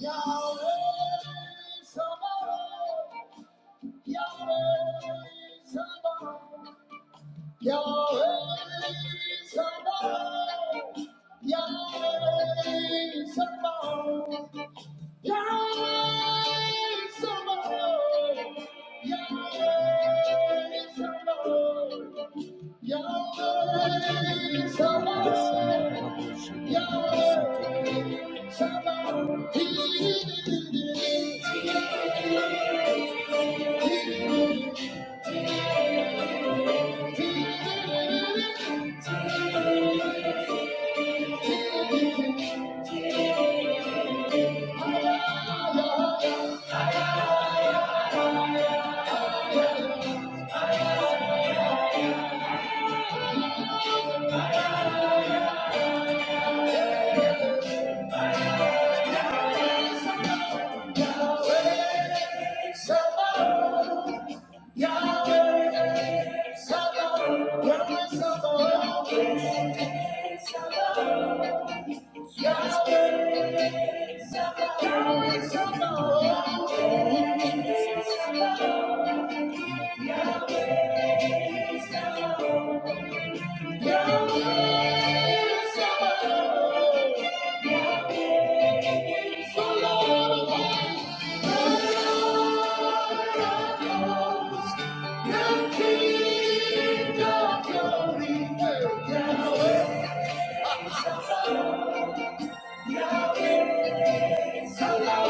Yahweh Sabaoth, Yahweh Sabaoth, Yahweh Sabaoth, Yahweh, Yahweh, Yahweh, Yahweh, Yahweh, of glory, Yahweh, Yahweh. Yahweh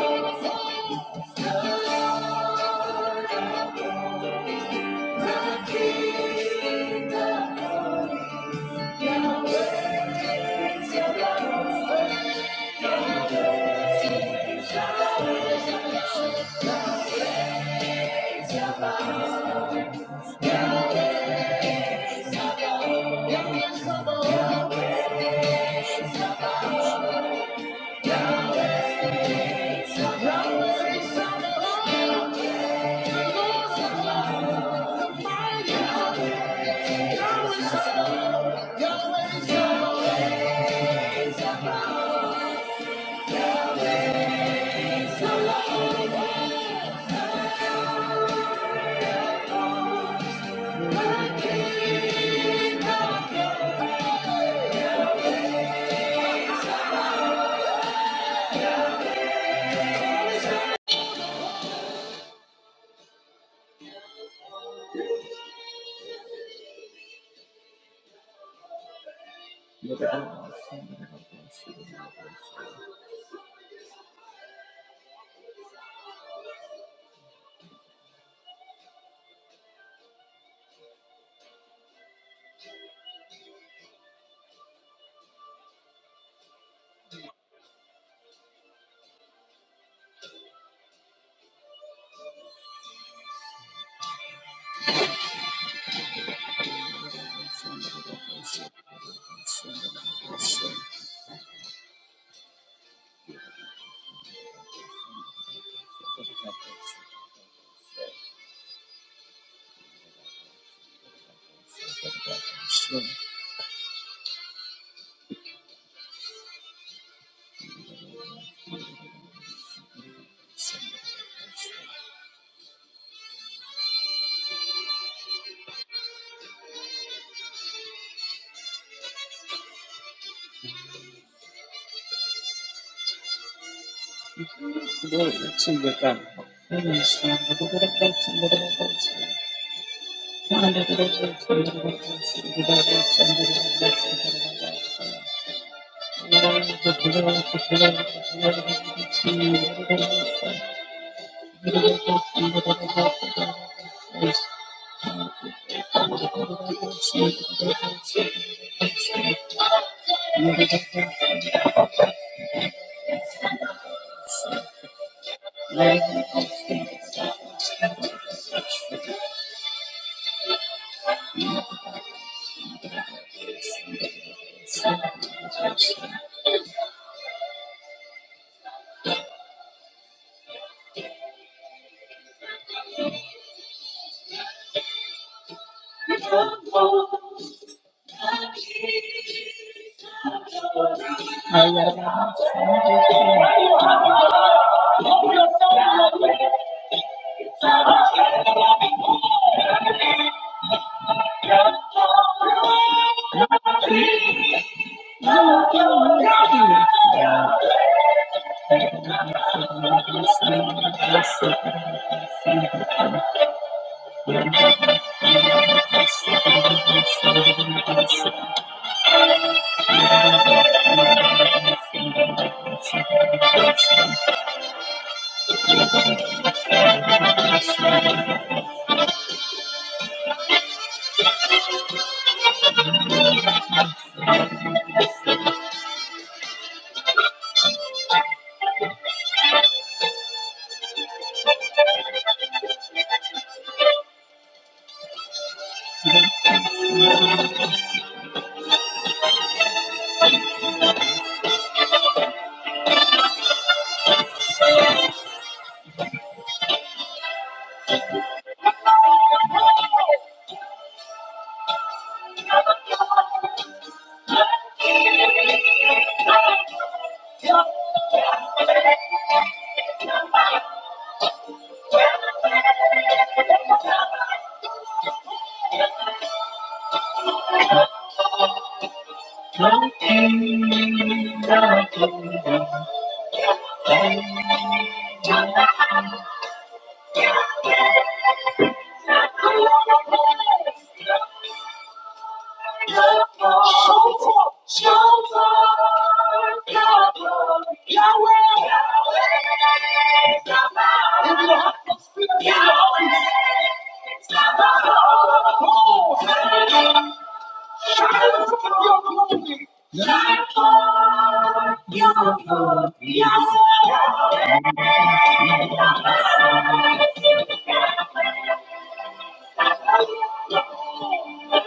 Glory to your God. Praise Thank you. I Thank Show forth, show forth your glory. Yahweh, Yahweh, Sabaoth. In the atmosphere, Yahweh, Sabaoth. Oh, hey. Shine forth your glory. Shine forth your glory. Yahweh, Yahweh, Sabaoth.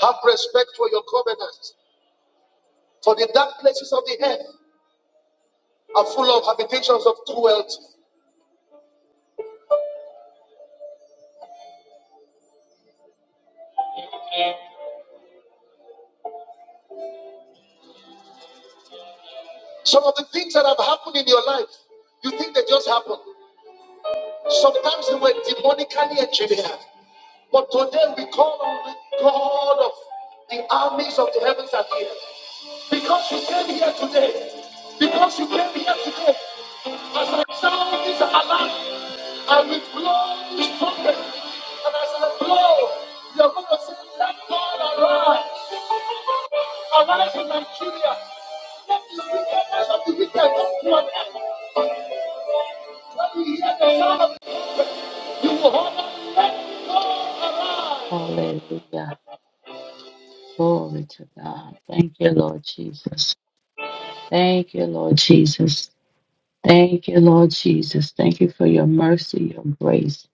Have respect for your covenant, for the dark places of the earth are full of habitations of cruelty. Some of the things that have happened in your life, you think they just happened. Sometimes they were demonically engineered. But today we call on the God of the armies of the heavens and earth. Because you came here today. sound is alive and with blow the trumpet. And as I blow, you're going to say, Let God arise. Arise in Nigeria. Let the wickedness of the wicked come to an end. When you hear the sound of it, you will holler, Let God arise. Hallelujah. Glory to God. Thank you, Lord Jesus. Thank you, Lord Jesus. Thank you, Lord Jesus. Thank you for your mercy, your grace,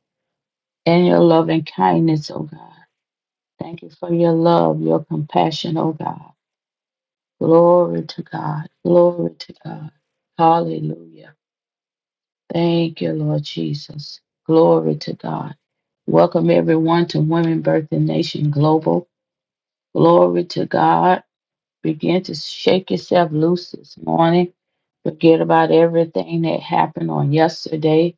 and your love and kindness, oh God. Thank you for your love, your compassion, oh God. Glory to God. Glory to God. Hallelujah. Thank you, Lord Jesus. Glory to God. Welcome everyone to Women Birth and Nation Global. Glory to God. Begin to shake yourself loose this morning. Forget about everything that happened on yesterday.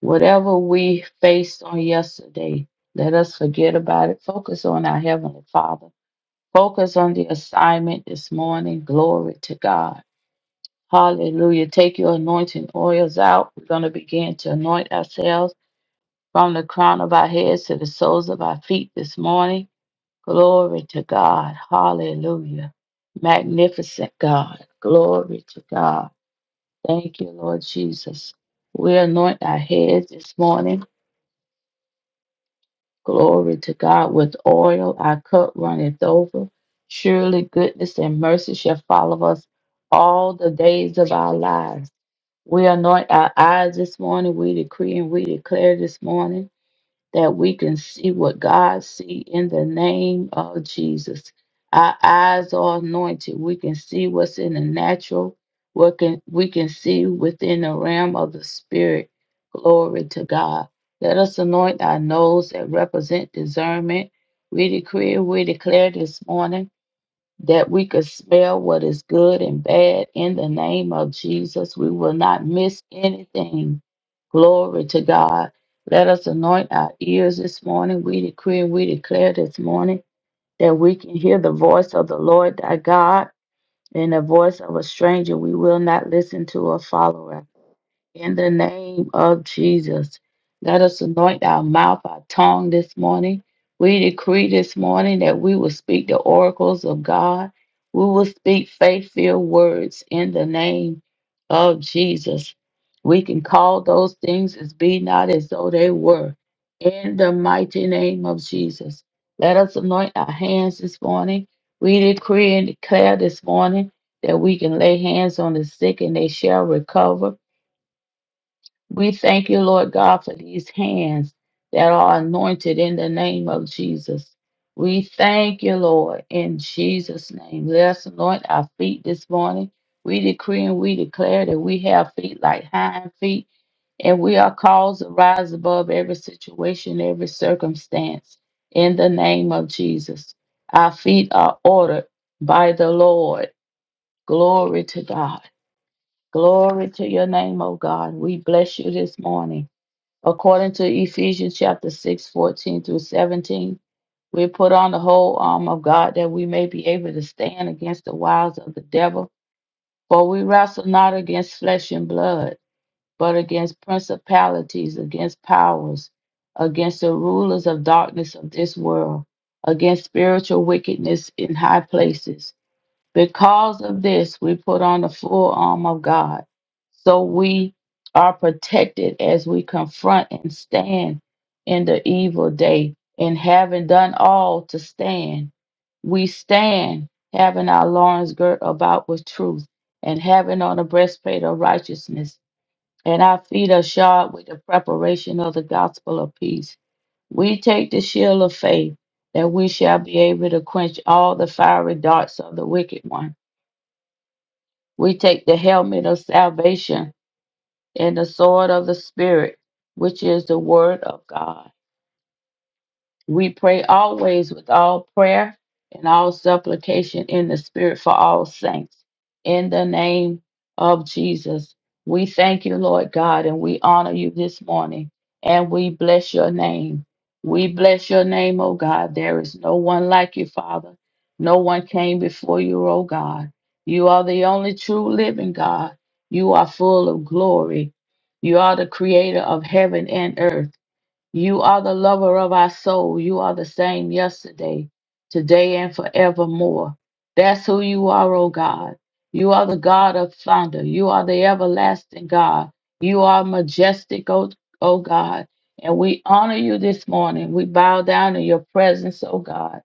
Whatever we faced on yesterday, let us forget about it. Focus on our Heavenly Father. Focus on the assignment this morning. Glory to God. Hallelujah. Take your anointing oils out. We're going to begin to anoint ourselves from the crown of our heads to the soles of our feet this morning. Glory to God. Hallelujah. Magnificent God. Glory to God. Thank you, Lord Jesus. We anoint our heads this morning. Glory to God. With oil, our cup runneth over. Surely goodness and mercy shall follow us all the days of our lives. We anoint our eyes this morning. We decree and we declare this morning. that we can see what God see in the name of Jesus. Our eyes are anointed. We can see what's in the natural. What can we can see within the realm of the spirit. Glory to God. Let us anoint our nose that represent discernment. We decree, we declare this morning that we could smell what is good and bad in the name of Jesus. We will not miss anything. Glory to God. Let us anoint our ears this morning. We decree and we declare this morning that we can hear the voice of the Lord thy God and the voice of a stranger we will not listen to or follow in the name of Jesus, let us anoint our mouth, our tongue this morning. We decree this morning that we will speak the oracles of God. We will speak faith filled words in the name of Jesus. We can call those things as be not as though they were. In the mighty name of Jesus, let us anoint our hands this morning. We decree and declare this morning that we can lay hands on the sick and they shall recover we thank you, Lord God, for these hands that are anointed in the name of Jesus. We thank you, Lord, in Jesus' name. Let us anoint our feet this morning. We decree and we declare that we have feet like hind feet, and we are called to rise above every situation, every circumstance, in the name of Jesus. Our feet are ordered by the Lord. Glory to God. Glory to your name, O God. We bless you this morning. According to Ephesians chapter 6, 14 through 17, we put on the whole armor of God that we may be able to stand against the wiles of the devil. For we wrestle not against flesh and blood, but against principalities, against powers, against the rulers of darkness of this world, against spiritual wickedness in high places. Because of this, we put on the full arm of God so we are protected as we confront and stand in the evil day. And having done all to stand, we stand having our loins girt about with truth and having on the breastplate of righteousness. And our feet are shod with the preparation of the gospel of peace. We take the shield of faith that we shall be able to quench all the fiery darts of the wicked one we take the helmet of salvation and the sword of the Spirit, which is the word of God. We pray always with all prayer and all supplication in the Spirit for all saints. In the name of Jesus, we thank you, Lord God, and we honor you this morning and we bless your name. We bless your name, O God. There is no one like you, Father. No one came before you, O God. You are the only true living God. You are full of glory. You are the creator of heaven and earth. You are the lover of our soul. You are the same yesterday, today, and forevermore. That's who you are, O God. You are the God of thunder. You are the everlasting God. You are majestic, O, o God. And we honor you this morning. We bow down in your presence, O God.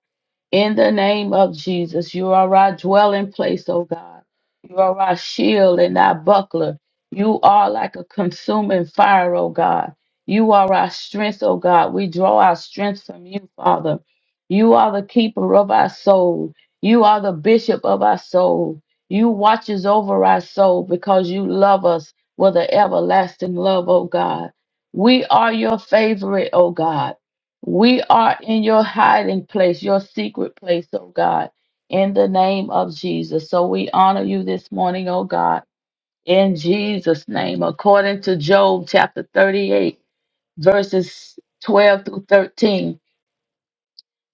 In the name of Jesus, you are our dwelling place, O God. You are our shield and our buckler. You are like a consuming fire, O God. You are our strength, O God. We draw our strength from you, Father. You are the keeper of our soul. You are the bishop of our soul. You watches over our soul because you love us with an everlasting love, O God. We are your favorite, O God. We are in your hiding place, your secret place, oh God, in the name of Jesus. So we honor you this morning, oh God, in Jesus' name, according to Job chapter 38, verses 12 through 13.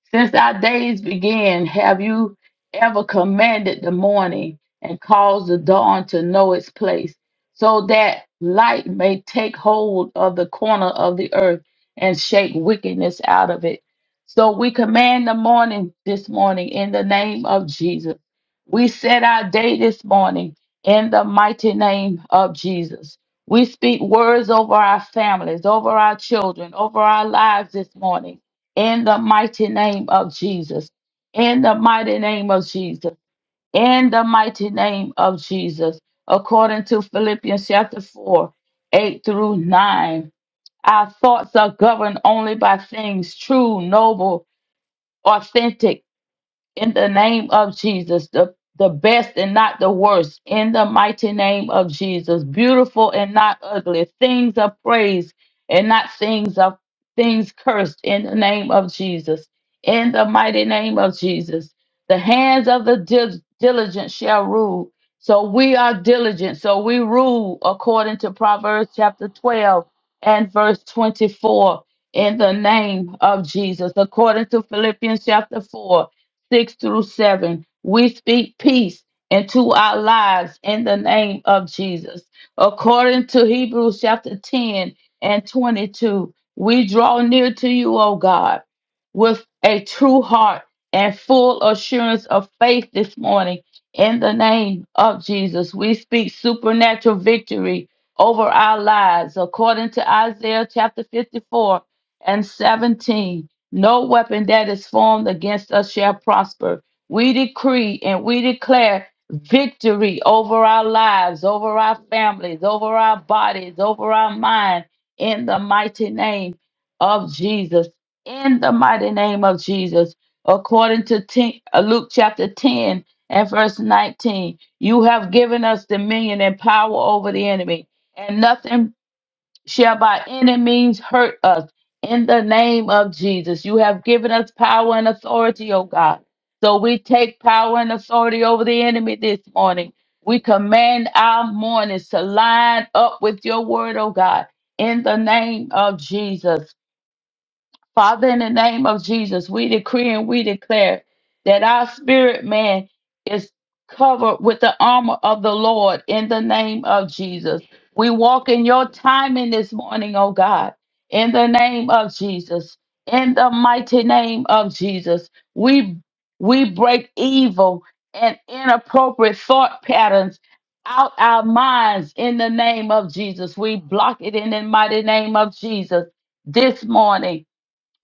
Since our days began, have you ever commanded the morning and caused the dawn to know its place, so that light may take hold of the corner of the earth and shake wickedness out of it? So we command the morning this morning in the name of Jesus. We set our day this morning in the mighty name of Jesus. We speak words over our families, over our children, over our lives this morning in the mighty name of Jesus. In the mighty name of Jesus. In the mighty name of Jesus. According to Philippians chapter 4, 8 through 9, our thoughts are governed only by things true, noble, authentic in the name of Jesus, the, the best and not the worst, in the mighty name of Jesus, beautiful and not ugly, things of praise and not things of things cursed, in the name of Jesus, in the mighty name of Jesus. The hands of the dil- diligent shall rule. So we are diligent. So we rule according to Proverbs chapter 12 and verse 24 in the name of Jesus, according to Philippians chapter 4 6 through 7. We speak peace into our lives in the name of Jesus. According to Hebrews chapter 10 and 22, we draw near to you, O God, with a true heart and full assurance of faith this morning. In the name of Jesus, we speak supernatural victory over our lives according to Isaiah chapter 54 and 17. No weapon that is formed against us shall prosper. We decree and we declare victory over our lives, over our families, over our bodies, over our mind, in the mighty name of Jesus. In the mighty name of Jesus. According to 10, uh, Luke chapter 10 and verse 19, you have given us dominion and power over the enemy, and nothing shall by any means hurt us. In the name of Jesus, you have given us power and authority, oh God. So we take power and authority over the enemy this morning. We command our mornings to line up with your word, oh God, in the name of Jesus. Father, in the name of Jesus, we decree and we declare that our spirit man is covered with the armor of the Lord in the name of Jesus. We walk in your timing this morning, oh God, in the name of Jesus. In the mighty name of Jesus, we we break evil and inappropriate thought patterns out our minds in the name of Jesus. We block it in the mighty name of Jesus this morning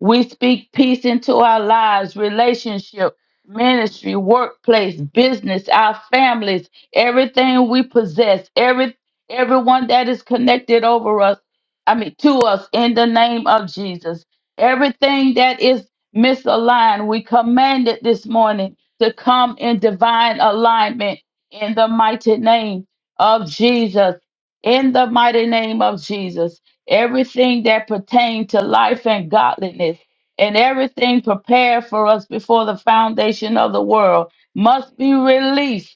we speak peace into our lives, relationship, ministry, workplace, business, our families, everything we possess, every everyone that is connected over us, I mean to us in the name of Jesus. Everything that is misaligned, we command it this morning to come in divine alignment in the mighty name of Jesus. In the mighty name of Jesus everything that pertained to life and godliness, and everything prepared for us before the foundation of the world must be released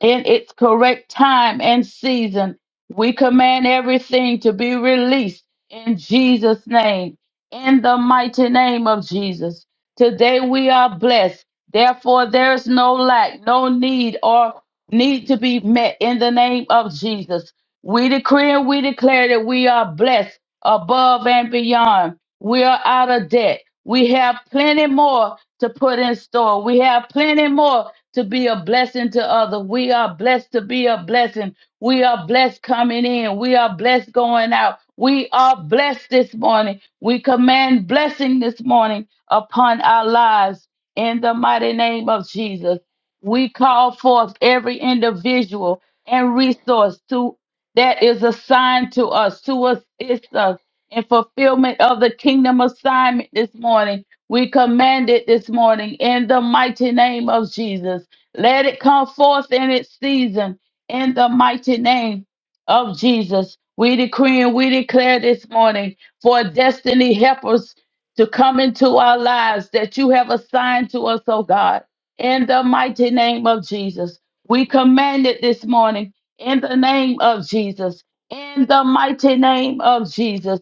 in its correct time and season. We command everything to be released in Jesus' name, in the mighty name of Jesus. Today we are blessed. Therefore, there is no lack, no need, or need to be met in the name of Jesus. We decree and we declare that we are blessed above and beyond. We are out of debt. We have plenty more to put in store. We have plenty more to be a blessing to others. We are blessed to be a blessing. We are blessed coming in. We are blessed going out. We are blessed this morning. We command blessing this morning upon our lives in the mighty name of Jesus. We call forth every individual and resource to that is assigned to us to assist us in fulfillment of the kingdom assignment this morning we command it this morning in the mighty name of Jesus. Let it come forth in its season in the mighty name of Jesus. We decree and we declare this morning for destiny helpers to come into our lives that you have assigned to us, oh God, in the mighty name of Jesus. We command it this morning in the name of Jesus, in the mighty name of Jesus.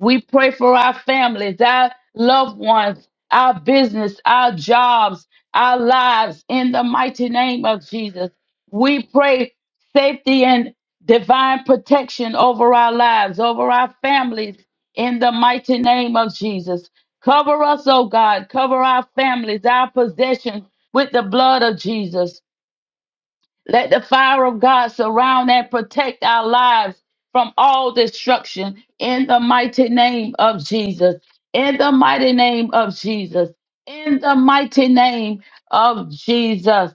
We pray for our families, our loved ones, our business, our jobs, our lives in the mighty name of Jesus. We pray safety and divine protection over our lives, over our families in the mighty name of Jesus. Cover us, oh God. Cover our families, our possessions with the blood of Jesus. Let the fire of God surround and protect our lives from all destruction in the mighty name of Jesus. In the mighty name of Jesus. In the mighty name of Jesus.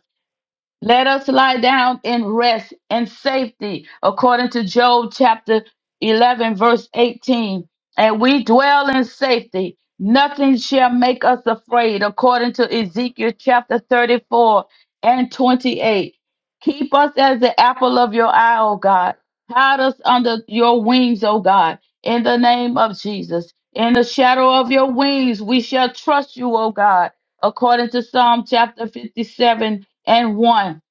Let us lie down and rest in safety, according to Job chapter 11, verse 18. And we dwell in safety. Nothing shall make us afraid, according to Ezekiel chapter 34 and 28. Keep us as the apple of your eye, O God. Hide us under your wings, O God, in the name of Jesus. In the shadow of your wings, we shall trust you, O God, according to Psalm chapter 57 and 1.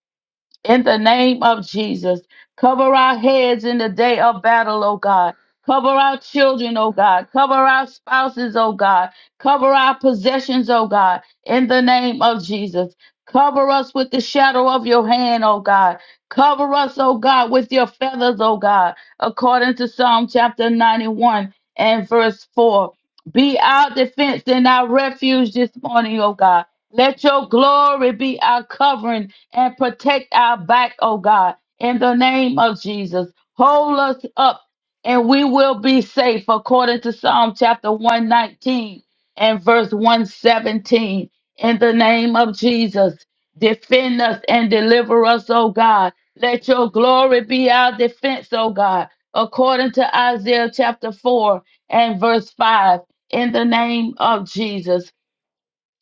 In the name of Jesus, cover our heads in the day of battle, O God. Cover our children, O God. Cover our spouses, O God. Cover our possessions, O God. In the name of Jesus, cover us with the shadow of your hand, O God. Cover us, O God, with your feathers, O God, according to Psalm chapter 91 and verse 4. Be our defense and our refuge this morning, O God. Let your glory be our covering and protect our back, oh God, in the name of Jesus. Hold us up and we will be safe according to Psalm chapter 119 and verse 117. In the name of Jesus, defend us and deliver us, O God. Let your glory be our defense, O God, according to Isaiah chapter 4 and verse 5. In the name of Jesus.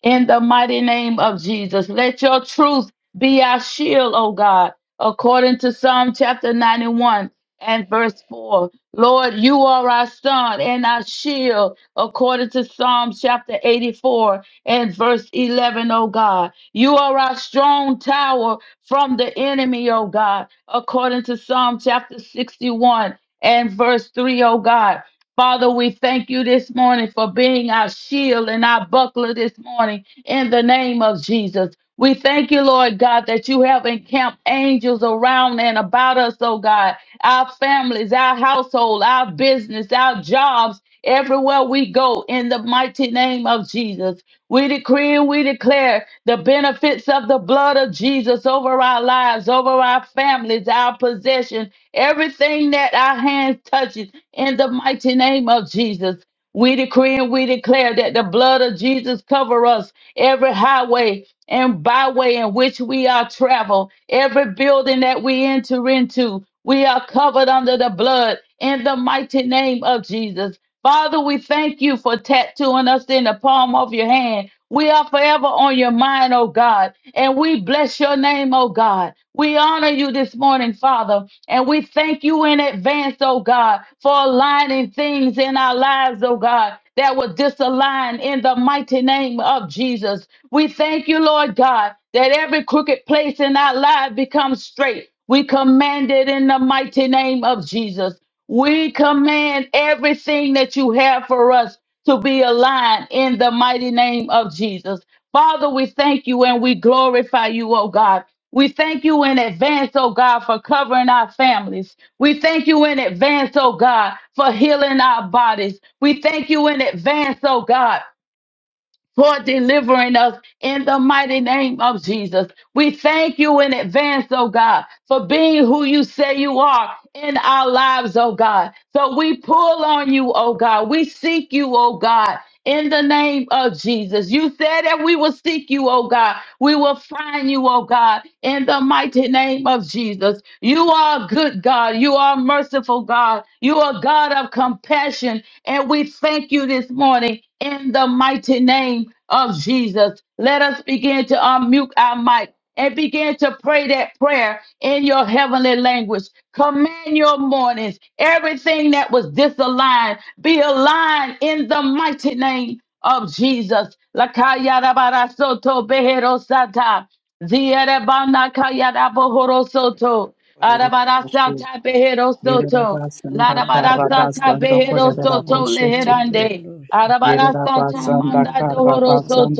In the mighty name of Jesus, let your truth be our shield, O God, according to Psalm chapter 91 and verse 4. Lord, you are our son and our shield, according to Psalm chapter 84 and verse 11, O God. You are our strong tower from the enemy, O God, according to Psalm chapter 61 and verse 3, O God. Father, we thank you this morning for being our shield and our buckler this morning in the name of Jesus. We thank you, Lord God, that you have encamped angels around and about us, oh God, our families, our household, our business, our jobs, everywhere we go in the mighty name of Jesus. We decree and we declare the benefits of the blood of Jesus over our lives, over our families, our possession, everything that our hands touches in the mighty name of Jesus, we decree and we declare that the blood of Jesus cover us every highway and byway in which we are travel, every building that we enter into. We are covered under the blood in the mighty name of Jesus. Father, we thank you for tattooing us in the palm of your hand. We are forever on your mind, oh God, and we bless your name, oh God. We honor you this morning, Father. And we thank you in advance, oh God, for aligning things in our lives, oh God, that will disalign in the mighty name of Jesus. We thank you, Lord God, that every crooked place in our life becomes straight. We command it in the mighty name of Jesus. We command everything that you have for us to be aligned in the mighty name of Jesus. Father, we thank you and we glorify you, oh God. We thank you in advance, oh God, for covering our families. We thank you in advance, oh God, for healing our bodies. We thank you in advance, oh God, for delivering us in the mighty name of Jesus. We thank you in advance, oh God, for being who you say you are in our lives, oh God. So we pull on you, oh God. We seek you, oh God. In the name of Jesus, you said that we will seek you, oh God. We will find you, oh God, in the mighty name of Jesus. You are good God. You are merciful God. You are God of compassion and we thank you this morning in the mighty name of Jesus. Let us begin to unmute our mic and begin to pray that prayer in your heavenly language. Command your mornings. Everything that was disaligned be aligned in the mighty name of Jesus. Lakayarabarasoto beherosata. Zierebana kayarabohorosoto. Kolere boşe, Arabarasata yerera beherosoto. Russia, basan da karra Larabarasata da kolere beherosoto boşe teke. leherande. Yerera Arabarasata basan da manda karra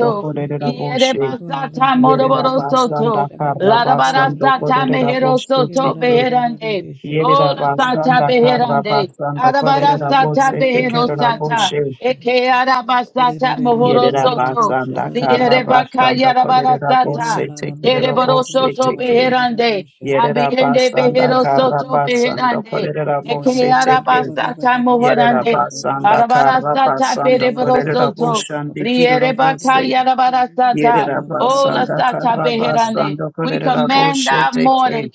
da kolere Ierebasata Yerera basanda moroborosoto. karra basando Larabarasata kolerera boshete meherosoto ke. beherande. Yerera Ola sata basanda karra beherande. basando Arabara kolerera sata boshete behero kerera sata. boshe. Thank Eke you, araba Jesus. sata mohoro Yerera soto. basanda karra Liere baka basando yarabara kolerera sata. boshete kerera Dereboro soto boshete ke. beherande. Yerera Abirende basanda behero karra soto basando beherande. kolerera Yes, the Eke Sabbath. boshete araba ke. sata Ela ba Yerera no mohorande. Oyasu basanda ni Arabara karra ni ano sata Ina basando bereboro Oyasu kolerera soto. boshandi kirera Liere baka boshe. ni ni yarabara ano sata. Oyasu Yerera ni ni Oh, ano basanda Lasata karra Oyasu Beherande. basando We kolerera command our boshete ke. morning.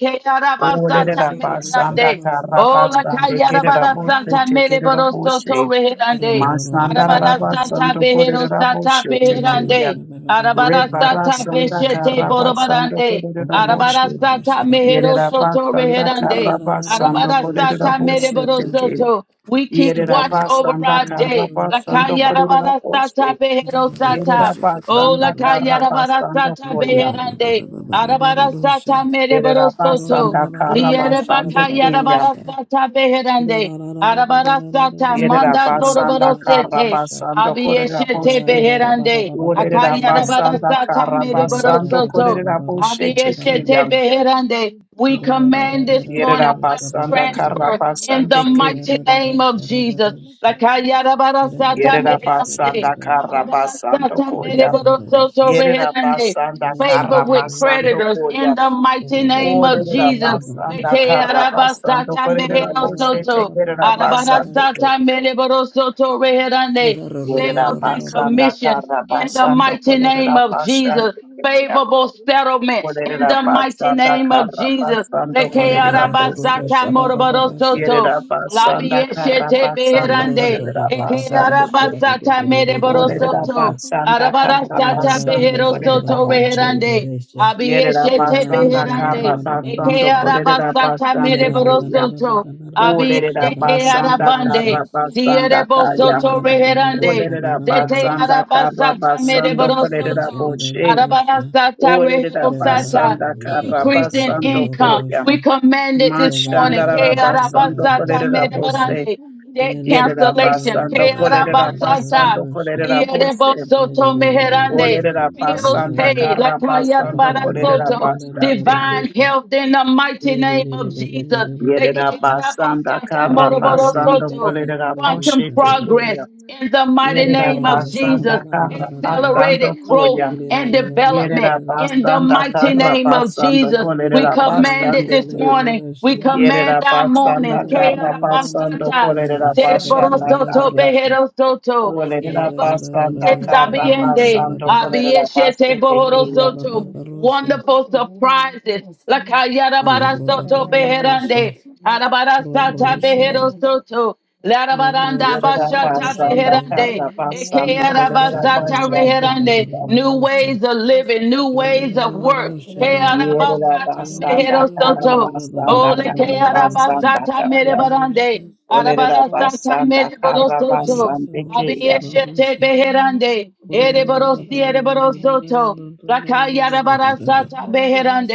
Oh, Kearabasata Olerera ni ni ano basanda Meherande. Oyasu kara Oh, La basande kerera Kayarabara bose Santa tekerera Mereboro Soto bose Reherande. masanda rara Arabara Santa basando Behero kolerera Santa bose tekeya Beherande. Arabara rebara Santa sanda Beshete kara basando Borobarande. kolerera Arabara bose Santa Mehero yerera Soto basanda kara Reherande. basando Arabara kolerera Santa bose Mereboro teke Soto. We keep yerera watch over basanda our kara day. La basando kolerera Kayarabara Santa bose Behero yerera Santa. Oh, la basanda kaya kara rabara basando sata koya beherande. Arabara sata mereboro yerera Sha soto. basanda kara Rierebaka basando ni yarabarasata beherande. Arabarasata Yerera manda basanda kara doroborosete. basando ni korera Abiyeshete ano boshe. beherande. Olerera Thank basanda Akayarabarasata kara basando mereborosoto. korera boshe Abiyeshete tekeyam. beherande. We command this morning Yerera wealth basanda kara transfer in the basande ke. mighty name of Jesus. Lakayarabarasata Yerera meherande. basanda kara basando Arabarasata koya. mereborosoto Yerera reherande basanda favor kara with basando creditors in koya. the mighty name of Olerera Jesus. basanda Leke kara araba basando sata korera mehero boshe soto. tekerera Arabara basande ke. sata mereboro soto you. reherande. Thank Yerera Sales and Arararararararaba. basanda commissions kara in the basando mighty name korera of basande Jesus. ke. Favorable you. settlements in Thank you. Olerera the mighty basanda name of kara Jesus. basando Leke kolerera araba bose. sata moroboro Ararararararashabababasha. Ararararararabababashabababababababababababababababasha. soto. Yerera basanda Labi kara eshete basando beherande. kolerera Eke basande. arabasata mere Olerera borosoto. Inararararararabababababababababababasha. basanda kara Arabarasata basando beherosoto kolerera boche. reherande. Inarararararabababababababasha. Yerera Abiyeshete basanda beherande. kara Eke basando Inarararararabababababababababasha. kolerera arabasata mere basande keya. borosoto. Abiyende Olerera ke basanda Inarararararabababababababababasha. arabande. kara Ziyere basanda kaya. bosoto reherande. Olerera Zete basanda kara arabasata Thank mere basando kolerera borosoto. boche. Inarararararabababababababasha. Arabasata, Olerera rehebosata, basanda kara Increase in basando income. koya. We command it this morning. Mashandara Ke basando arabasata, kolerera Inarararararabababababababasha. bose medebarande, Debt Russia, yerera cancellation. basando Ke kolerera arabasata, basando kolerera bose liedebosoto, meherande, olerera Bills basanda paid. kara Lakaya basando kolerera rabarasoto, basande ke Divine health in the mighty name of Jesus. you. Ke yerera basanda arabasata, kara basando moroborosoto, kolerera Quantum bose teke progress ya in the mighty yerera name of Jesus basanda kara basando accelerated growth koya and development yerera in the basanda mighty Yeah, kara name of basando Jesus. We kolerera command it basande this morning. We Yerera command our mornings. basanda kara basando Kearabasata, kolerera basanda Zereborosoto, kaya. Beherosoto, Thank Olerera basanda Ereborosete, kara Zabiende, basando kolerera Abieshete, basete keya. Bohorosoto. Barorobabarosha, Wonderful surprises. Lakayarabarasoto, Barorobabarosha, Beherande, Arabarasata, Rorosha, Beherosoto. Larabaranda Rorosha, Yerera bashata Babarosha, basanda Babar, beherande. kara basando Ekeara Robarosha, kolerera basata basande reherande. keya. New Bababarosha, ways of living, new ways of work. Rararosha, Ba, Keara Yerera basata Rorosha, basanda mehero kara Rorosha, soto. basanda Ole kara keara basanda basata kaya. merebarande. you. Olerera Arabara Thank sata basanda merebaro kara soto. basande Rorosha, keya. baba Abiyeshete rosha, beherande. roro baba Ereborosi roro roro roro ereborosoto. roro roro roro Rakayarabarasata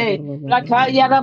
baba baba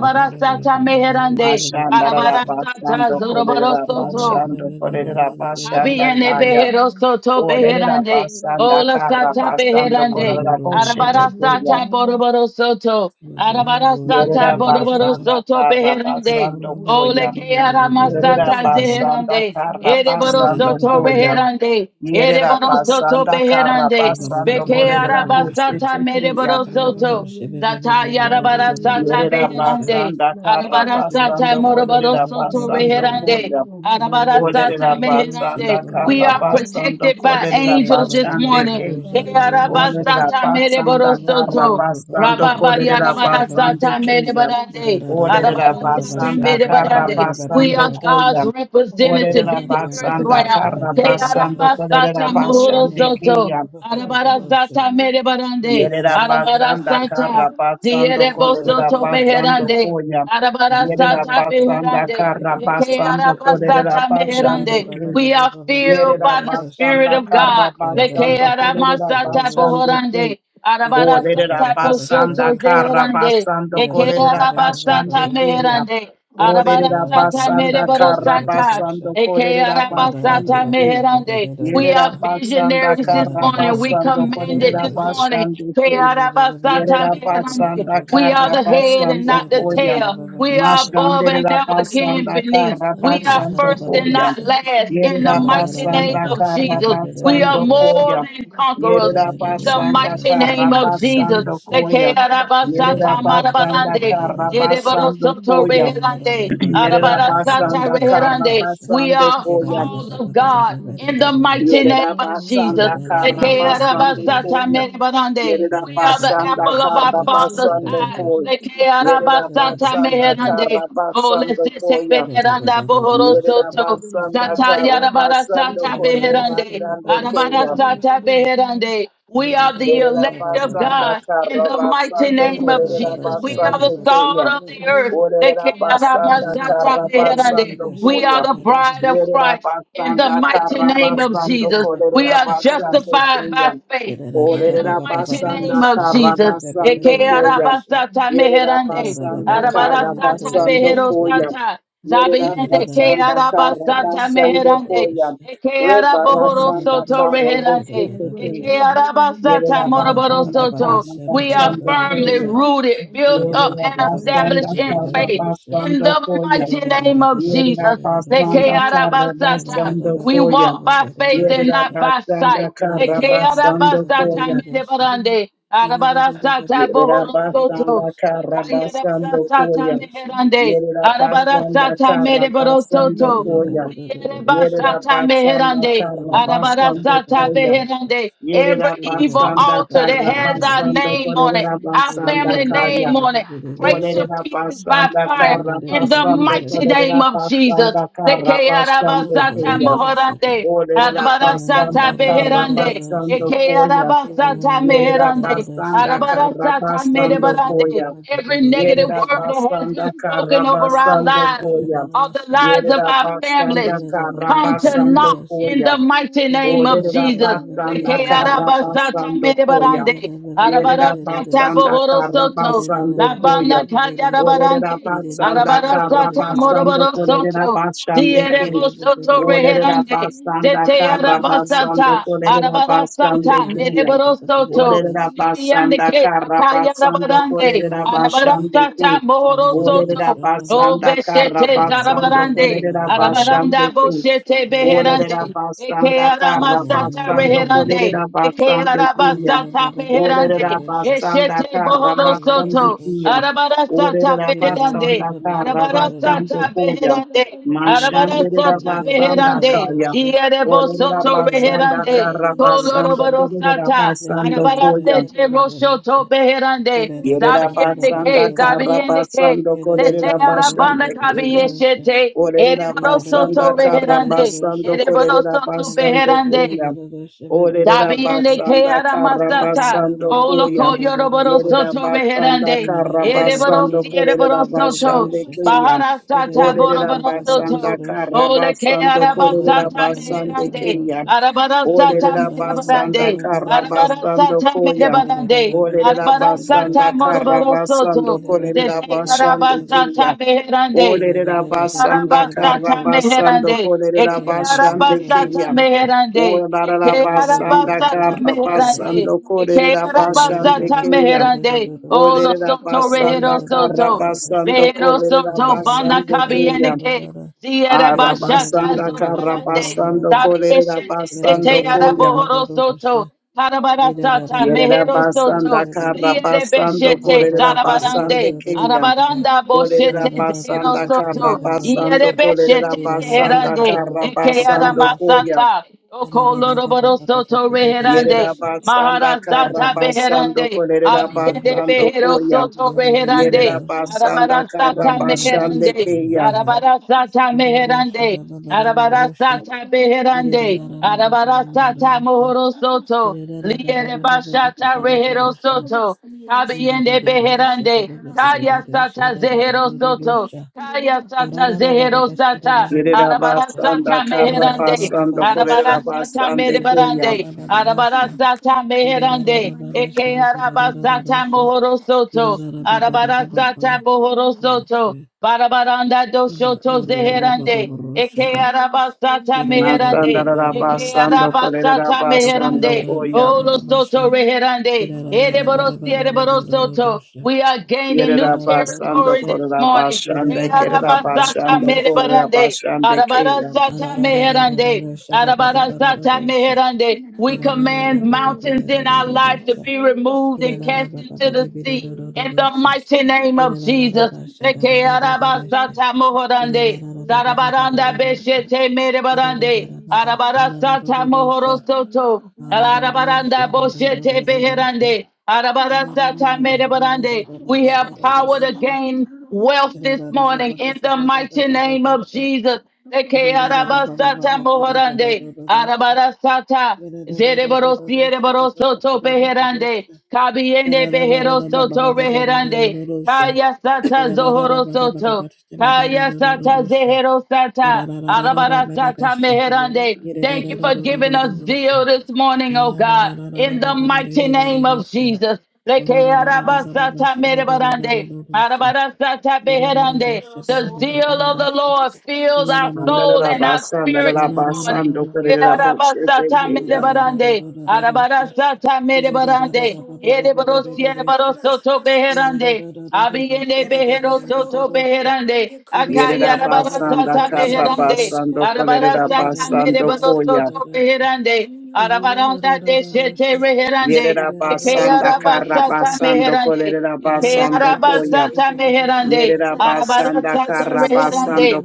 baba baba baba meherande. baba Mashandara rosha. Arabarasata basando kolerera Rosh zoroborosoto. basando kolerera basanda Kabiene kaya. behero soto Olerera beherande. basanda Ola kara sata basando beherande. kolerera boshete Arabara teya. sata boroboro soto. you. Arabara sata Yerera boroboro basanda soto kara beherande. basando Ole koya. ke arama Yerera sata basanda zeherande. kara Ereboro basando soto koya. beherande. Yerera Ereboro soto basanda kara beherande. basando Beke kolerera arabasata boshete teya. mereboro soto. Sata yarabara sata Yerera beherande. basanda kara Arabara sata basando Host, morobaro kolerera soto basando reherande. koya. Arabara sata Olerera meherande. basanda We kara are basando protected by kolerera angels this basande morning. Thank Yarabara Olerera sata merebaro basanda Get soto. kara basando Rababa kolerera yarabara basande sata keya. merebarande. Olerera Arabara sata basanda kara merebarande. We basando are God's koya. representative Olerera in the earth basanda realm. kara basando Yarabara sata kolerera mohoro basande soto. keya. Arabara sata mere barande. Yerera Arabara basanda kara sata. basando Ziere boso kolerera to basando meherande. koya. Arabara Yerera sata basanda meherande. kara Ike basando araba kolerera sata it basande meherande. keya. We are filled Yerera by the Spirit basanda of kara God. Leke basando arama kolerera sata you. basande keya. bohorande. Arabara Olerera sata basanda boshoto kara zeherande. basando Eke kolerera araba basande sata up, keya. meherande. Abanye Arabara Olerera sata basanda mere baro kara sata. basando kolerera basande keya. Ekeyarabasatameherande. We Yerera are basanda visionaries this karra morning. We basando command it kolerera this morning. basande te. Yerera Ekeyarabasatameherande. basanda We are karra the head and basando not the koya. tail. We are above and Mashanderera never again basanda beneath. karra We the are basando first and koya. not Get last in the Yerera mighty name basanda of karra Jesus. We are basando more koya. than conquerors Yerera in the basanda mighty karra name of Jesus. basando koya. Yerera basanda Ekeyarabasatamarabande. karra basando Yereborosoto koya. reherande, Yerera host arabarasata basanda karra reherande. Thank We basando are Get koya. called of God in the mighty name Yerida of Jesus. Basanda Yerabasanda Karabasando Ekearabasata Koya. merebarande. Yerida We are the Basanda apple of our Father's Yerabasanda eye. you. Ekearabasata Thank meherande. Oh, let's Karabasando sit up Koya. it on that bohoro Yerida Basanda Yerabasanda Karabasando Koya. Yerida soto. Basanda Yerabasanda Sata yarabara Karabasando sata beherande. Korebasande Arabara Kaya. sata beherande. We are the Orera elect of basanda God in kara the mighty basando name of korera Jesus. We are the basando salt keya. of the earth. Orera Deke arabara basanda sata kara beherande. basando We are koya. the bride of Yerera Christ in the basanda mighty kara name of basando Jesus. We korera are you. basando justified keya. by Yellow, Get it faith in the Orera mighty basanda name of kara Jesus. basando Eke koya. arabasata Yerera meherande. basanda kara Arabarasata basando koya. beherosata. Yerera Zabiende ke basanda kara arabasata basando meherande. koya. Eke Rebara araboro sanda soto karro reherande. Eke bosete arabasata moroboro Yerabasanda soto. We are Karabasando firmly Koya. rooted, built up, and established Yerabasanda in faith. In the Karabasando Koya. mighty name of Jesus. Eke Yerabasanda arabasata. Karabasando We Koya. walk by faith and not by Yerabasanda sight. Eke Karabasando arabasata Koya. merebarande. Ina Arabarasata bohoro soto. Yerabasanda Kayarabara Karabasando sata Koya. meherande. Arabara Yerabasanda sata mereboro Karabasando soto. Koya. Riereba sata Yerabasanda meherande. Thank Arabara Karabasando sata Koya. meherande. Yerera Every evil basanda altar that kara has our basando name on it, kolerera our basanda family name kaya. on it, break to Olerera pieces by basanda fire kara in the basando mighty name kolerera of Jesus. basanda The kara Kayarabara basando sata kaya. meherande. Olerera Arabarasata basanda kara beherande. basando Eke koya. arabasata Yerera meherande. basanda kara Arabarasata basando merebarande. koya. Every negative Yerera word that has been basanda spoken kara over our basando lives, koya. or the lives of Yerera our basanda families, Russia, you. kara come to basando naught Thank in the koya. mighty name of Olerera Jesus. basanda Eke kara arabasata basando koya. merebarande. Yerera Arabarasata basanda bohoro kara soto. basando koya. Labanda kaya Olerera arabarande. basanda kara Arabarasata basando moroboro kolerera soto. basande ke. Dierebo soto Olerera reherande. basanda Zete kara basando arabasata, kolerera arabarasata, basande keya. nereborosoto, Olerera zibiande basanda ke, kara takaya basando rabarande, kolerera basande arabarasata, ke. you. Olerera mohorosoto, Thank o basanda kara beshete basando zarabarande, kolerera arabaranda basande ke. boshete beherande, Olerera eke basanda kara aramasata basando reherande, kolerera eke basande kuya. arabasata meherande, Olerera basanda eshete kara bohorosoto, basande kuya. arabarasata Olerera beherande, basanda kara arabarasata basando kuya. beherande, Arabara Mashanderera sata basanda beherande, kaya. ierebo Olerera soto basanda beherande, kara basando koloroboro kolerera sata, basando arabara kuya. sete roshoto beherande, Yerera zabiende you. basanda ke, kara Russia, zabiende ke, basando Thank sete kolerera basande arabanda kuya. kabiyeshete, Olerera ereboro basanda soto kara beherande, basando ereboro kolerera soto basande beherande, kuya. Olerera Zabiende ke basanda kara aramasata. basando kuya. Oloko yoroboro Yerera soto basanda reherande. kara Ereboro basando si ereboro kolerera soto. basande kuya. Get it Maharasata out Olerera boroboro soto. basanda of kara Ole ke basando araba kolerera sata basande meherande. kuya. Arabara sata Olerera basanda merebarande. kara Arabara you. basando sata kuya. Yes, merebarande. Olerera Arabara sata basanda kara morobaro basando soto. kolerera Zete basande araba sata kuya. meherande. Olerera Eke basanda araba kara sata basando meherande. kolerera Eke araba basande sata keya. meherande. Olerera Eke araba basanda sata kara meherande. basando Eke kolerera araba basande sata keya. meherande. Olo Olerera soto basanda rehero kara soto. basando Pero kolerera soto bana basande keya. kabiyeneke. Zierabashata Arabasanda kara Zorobarande. basando the kolerera Tabiyeshe Zete basando koya. Arabohoro Soto. Karabarasata Yerera Mehero Soto. basanda kara basando Lierebeshete kolerera Zarabarande. basande keya. Arabaranda Olerera Boshete Zero basanda Soto. kara basando kolerera Ierebeshete basanda Zeherande. kara Eke basando koya. Aramasata. Okoloroboro soto reherande. Yerera Russia, basanda kara Maharasata basando beherande. kolerera Abiyende basando behero koya. soto reherande. Yerera basanda kara Arabarasata basande meherande. keya. Arabarasata meherande. Era Arabarasata beherande. Arabarasata mohoro soto. Russia, Liere Oi, mania, do bashata do, rehero oi, soto. esta menina, eu sou, minha, do Kabiyende do, beherande. Kaya sata zehero soto. Kaya sata zehero sata. Yerera basanda Arabarasata kara meherande. basando kolerera Arabarasata basande keya. merebarande. Arabarasata meherande. Eke arabasata mohoro soto. Arabarasata bohoro soto. Barabaranda doshoto oi, do zeherande. do, Eke arabasata essa Masanda meherande. rara Eke basando menina. kolerera arabasata basando meherande. koya. Olo Yarabani, soto Idadadadadabababasha. reherande. Ereborosi ereborosoto. Kidadadadababababadadadadosha. We are gaining new Yerera basando territory Idadadadadadosha. this kolerera morning. Hey, basande kerera arabasata basando Kidadadadabababadadadosha. kolerera merebarande. basande keya. Arabarasata meherande. Adadadadadadadosha. Arabarasata Babababadadadosha. meherande. We command mountains in our life to Idadadadabababadadadadosha. be removed and cast into the sea. In the Idadadadabababadadadadosha. mighty name of Jesus. Idadadadabasha. Leke Dadadadadadosha. arabasata mohorande. Sarabaranda Idadadadabababadadadadosha. beshete merebarande. Idadadadababasha. Yarahoyam, Arabarasata Nadadadadosha. mohorosoto. Arabaranda Adadadadosha. boshete Dadadadadosha. beherande. I Ah, am Arabarasata the merebarande. Lord of We have power to the gain wealth this morning in the mighty name of Jesus. Leke arabasata mohorande, arabarasata, zereboro siereboro beherande, kabiende behero soto reherande, kaya sata zohoro soto. Kaya sata zehero sata. Arabara sata meherande. Thank you for giving us zeal this morning, oh God, in the mighty name of Jesus. Leke araba sata merebarande. Arabara sata Get beherande. The zeal of the Lord fills our soul and our Andarabasanda spirit this Universe. morning. Rabasando Corera Yeah, one year, Bochete Arabasata mere Kaya. one year barande. ago, here at the university, Arabarasata mere barande. soon year ago, Ere barosi Korodon, year ere Kerala, baroso to Sanasas, beherande. Abiyene Yeraban, beheroso Yero, to Hoya, beherande. Maman, Yakro, Akaya Yerera Soya, Baba, Basanda arabarasata Harakana, Sanya, you beherande. saw Carabasando your Corera Lona, Arabarasata mere Yanakada, Basando baroso Sanya, Koya. to beherande. Yakin, your home in Arabaranda the de Kerala, some shete of us, yes, reherande. Yerera and a Eke Basanda popular flexor arabasata here. Carabasando meherande. Corera Eke Yaran, Basando Yero, Koya. arabasata Soya, the Hana, meherande. Yerera Plada, Basanda Hasaba, Arabarasata Hasasia, reherande.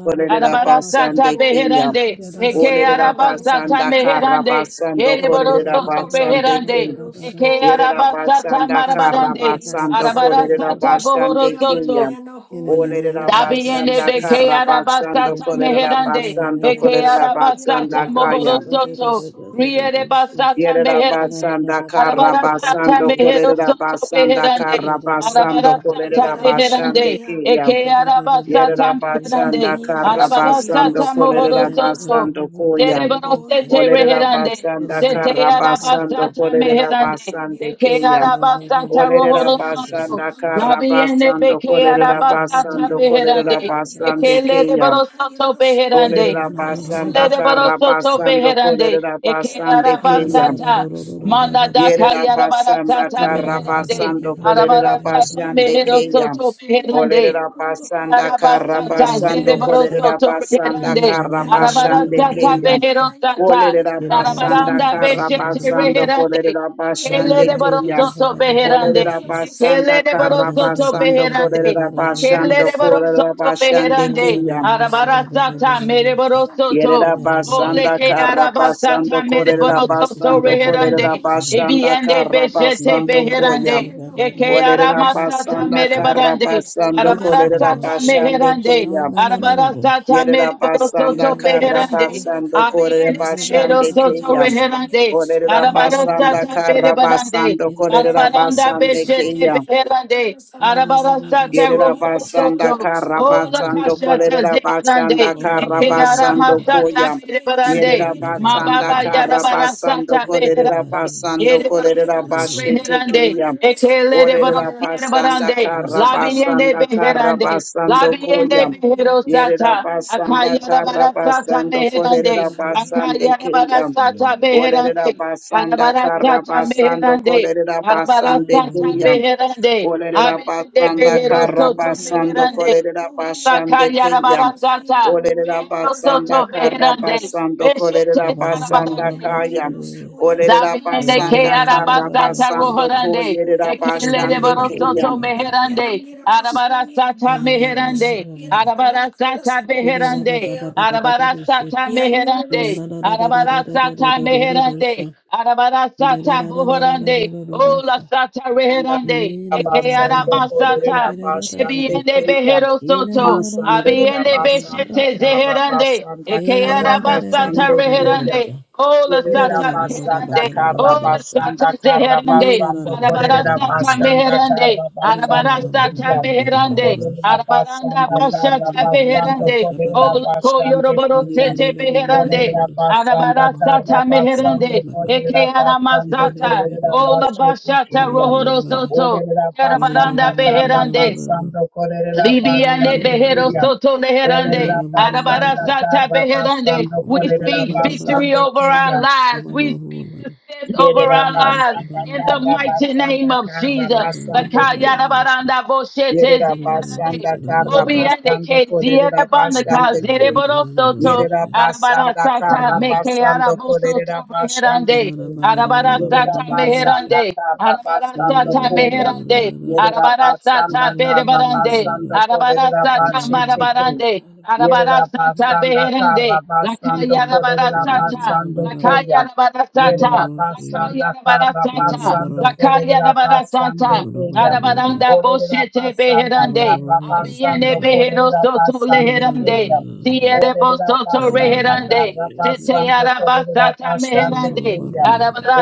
it Arabarasata Oya, Get beherande, eke Hasasia, no, Hoya, arabasata and the meherande, Hanas, ereborosoto reherande, eke Yaranirosoya basanda arabasata basanda kara marabarande, Hanabanastamonias basando Saria kolerera arabarasata basande kriya. bohorosoto, Yamaniana Hoya Olerera Dabiende basanda beke kara Kadahasasya basando arabasata meherande. basando basando Yarasania Eke Karabasando Yosoya arabasata basanda mohoro Kaya. Kaduhusania soto. Yosoya Riere basata Dosania meherande. Olerabasanda Arabarasata Karabasando Kolerabasando mehero soto Kolerabasanda Kaya. Yerabasanda Karabasando basando meherande. Karabasando Arabarasata Kolerabasande meherande. Yarabasania Kaya. Eke arabasata Yerera basanda meherande. karra Yarabanirosoya Arabarasata basando mohoro kolerera Dosanayana soto. basando koyam. Oya Zerebrosete Olerera Nagadahani reherande, basanda zete Rosoya karra basando arabasata kolerera it, meherande, basande eke keyam. Yanirosoya Ina arabasata Olerera rohoro soto, basanda karra Kadasania labiende basando beke kolerera Yara arabasata basando kolerera beherande, eke basande keyam. lerebrosoto beherande, Olerera eke basanda karra lerebrosoto basando beherande, kolerera eke basande keyam. arabasata, manda daka Yerera basanda yarabarasata kara beherande, basando kolerera arabarasata basande mehero keya. soto beherande, Olerera basanda kara Arabasata, basando Zereboroso, kolerera basanda Torreherande, kara basande Arabarasata, keya. Beherosata, Olerera basanda Arabaranda, kara Beshete, basando Reherande, kolerera Kele basande de had baro keya. your soto soul, Yabba beherande. Olerera Hassa basanda Kele Susina, de Buddha baro kara soto Dusan, basando beherande. kolerera Yani Kele yarı de basando baro sol kolerera yarı soto bahar Ba basande karına ba beherande. sen keya. ba yarı ba ba Arabara ba sol da. yarı Ba da karı da ta sol mere baro da sen soto. Yerera Ole basanda ke yarı kara araba ta sol basando yarı mere bahar korera baro yarı soto sol basando yarı karı korera beherande. rohu sen basanda Ebiende kara sen beshete basando koya. yani beherande. yarı Eke sol Orera yarı arama sol ta yarı basanda mere bahar kara barande. sen basando yarı Arabara korera sol sata sen basande meherande. keya. Arabara ta Yerera mere baro basanda soto yarı yarı kara sol beherande. yarı basando karı korera Abeyende karı behero sabah basande sen soto keya. yarı sol reherande. yarı sol Orera yarı Arabada sen basanda sata kara berebarande. basando yarı korera ben Arabaranda yarı basande sol beshete yarı keya. karı beherande. karı sabah Arabada sen yarı sata sol Yerera rohobo soto. basanda kara Ola basando kashata kolerera zeherande. basanda Yarabani kara Eke ba Yarabanini ba basando ba da. aramasata koya. yanakororosaniye berebarande. Ida Yerera da yosoye da ba ba ba basanda Mababa rekararaboye da. kara yarabada kasasi basando sata kolerera beherande. Ina basando Yere yarabani kolerera barosoto yararosoye basete reherande. abahani keya. yararosoye Ekelere Olerera nekararani barosiere basanda barande. kara kararasabuhusane Labiende basanda kara beherande. basando Labiende koya. yarabani Yerera beherosata. yararosoye nekararani basanda Akayara kara yararosoye barasata basando ababohosane meherande. kolerera yosoye basande Akayara keya. barasata tabahanosiye Olerera beherande. basanda kara Arabarasata yararosoye basando meherande. kolerera basande Arabarasata keya. beherande. Olerera Abiende basanda karra beherosoto basando yarabani beherande. kolerera yanakoroye Liba basande kayara keyam. yararohosasasiye barasata. yababonye Olerera basanda Beherosoto yatarasanatarana karra beherande. basando karohusane kolerera Beshete basanda zarabarande. yarani kayam. yararosoye Olerera abahani Zabiende ke basanda yararosoye karra Arabasta basando nekararani rohorande. kolerera Ekele yararosoye de basande keyam. borosoto meherande. Yaranyirarosoya baba Arabarasata meherande. yararosoya nakarana nakarana Arabarasata meherande. sabohusaya Arabarasata meherande. yanyirarosoya Arabarasata meherande. Arabarasata buhorande. Ola sata Anda Hey, reherande. Eke basando kolerera arabasata. basande Ebiende keyam. behero soto. Masandera Abiende basanda beshete karra zeherande. basanda karra Ekeara basando basata koyam. reherande. Ola Olerera sata basanda beherande. karra Ola sata basanda karra zeherande. basando Arabara kolerera sata basanda meherande. karra basande Arabara sata kenya. meherande. Olerera Arabaranda basanda karra bashata basando beherande. kolerera Ola basande koyoroboro kenya. sete beherande. Olerera basanda Arabara karra sata basando meherande. kolerera Ekeara basando masata. kolerera Ola basete bashata kenya. rohoro soto. Olerera basanda Arabaranda karra beherande. basando kolerera Libiane basande behero kenya. soto leherande. Olerera Arabara basanda sata karra beherande. basando We kolerera speak victory basande over our kenya. lives. We speak success over Yerera our lives. basanda In the kara mighty name basanda of kara Jesus. basando ko. Lakayarabaranda boshete Yerera zeherande. basanda kara Obiende basando ke ko. Yerera ziere banda ka basande ke. zere boro soto. Yerera Aurora, Arabara basanda sata kara meke basando arabo kolerera soto bashande meherande. ko. Arabara Yerera sata basanda meherande. kara Arabara basando sata koya. meherande. Yerera Arabara sata basanda kara berebarande. basando Arabara kolerera sata bashete ke. marabarande. Arabara Yerera sata basanda kara beherande. Lakaya basando arabara kolerera sata. basando Lakaya koya. arabara Yerera sata. Lakaya basanda arabara kara sata. basando Roshaba, Lakaya kolerera arabara basande sata. keya. Arabadanda Olerera boshete basanda beherande. kara Abiene basando behero kolerera soto basande leherande. keya. Siere Olerera bosoto basanda reherande. kara Zete basando kolerera arabasata basande meherande. keya.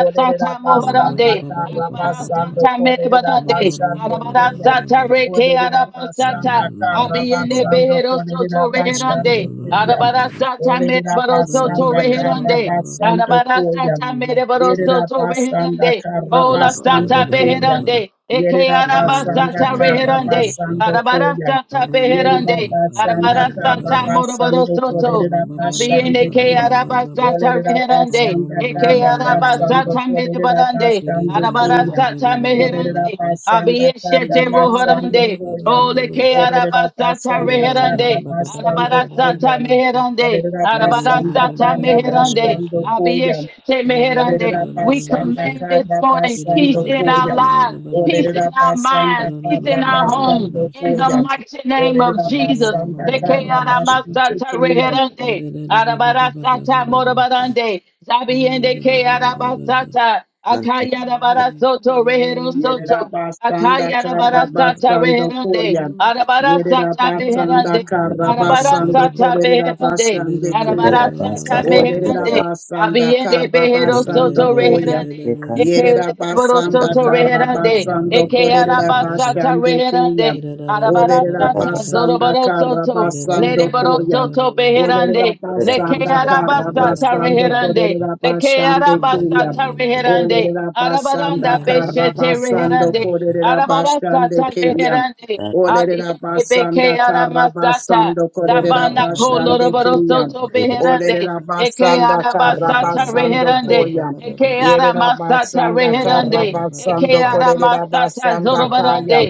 Olerera basanda moherande. kara basando Arabarasata kolerera meherande. basande keya. Arabarasata reke Olerera basanda arabasata. kara Abiene basando behero kolerera soto basande reherande. keya. Arabarasata Olerera meherando soto basanda kara reherande. basando koya. Arabarasata Yerera mereborosoto basanda reherande. kara Ola sata basando koya. beherande. Eke Yerera basanda arabasata kara reherande. basando koya. Arabarasata Yerida beherande. basanda kara Arabarasata basando moroborosoto. Russia. kolerida Tabiene basande ke ku. arabasata Olerida reherande. basanda Eke kara basando arabasata kolerida mereborande. basande keya. Arabarasata Olerida meherande. basanda kara Abiyeshete basando rohorande. koya. Ole ke Olerida arabasata basanda kara reherande. basando Arabarasata koya. meherande. Olerida basanda Arabarasata kara meherande. basando koya. Abiyeshete Orera meherande. We basanda command this kara morning basando peace in our koyam. lives, peace Orera in our basanda minds, peace kara in our homes. basando In the koyam. mighty name Orera of Jesus. basanda Leke kara basando aramasata koyam. reherande. Arabarasata morabarande. Zabiende ke arabasata. Thank you. Akaya Oh, rabarasoto rehero Yerera soto. Basanda Akaya Karra rabarasata Basando reherande. Koya. Yerera Arabarasata Basanda Yerabasanda meherande. Karabasando Arabarasata beherande. Korerabasande Kaya. Arabarasata meherande. Olerabasanda Abiende behero soto Karabasando Koya. reherande. Eke Yerera leboro Basanda soto reherande. Yerabasanda Karabasando Eke arabasata Korerabasande reherande. Kaya. Arabarasata Olerabasanda zoroboro soto. Karabasando Lereboro Koya. soto beherande. Olerera Leke Basanda Karra arabasata Olerabasanda Karabasando reherande. Leke Korerabasande Kaya. arabasata reherande. Olerera Arabaranda basanda karra beshete basando reherande. kolerera Arabarasata basande keya. meherande. Olerera Abiyende beke basanda karra aramasata. basando Get it kolerera Sabana basande koloroboro out keya. beherande. Olerera Eke basanda karra arabasata basando reherande. koya. Eke Yerera aramasata basanda karra reherande. Eke basando kolerera aramasata basanda kaya. zorobarande.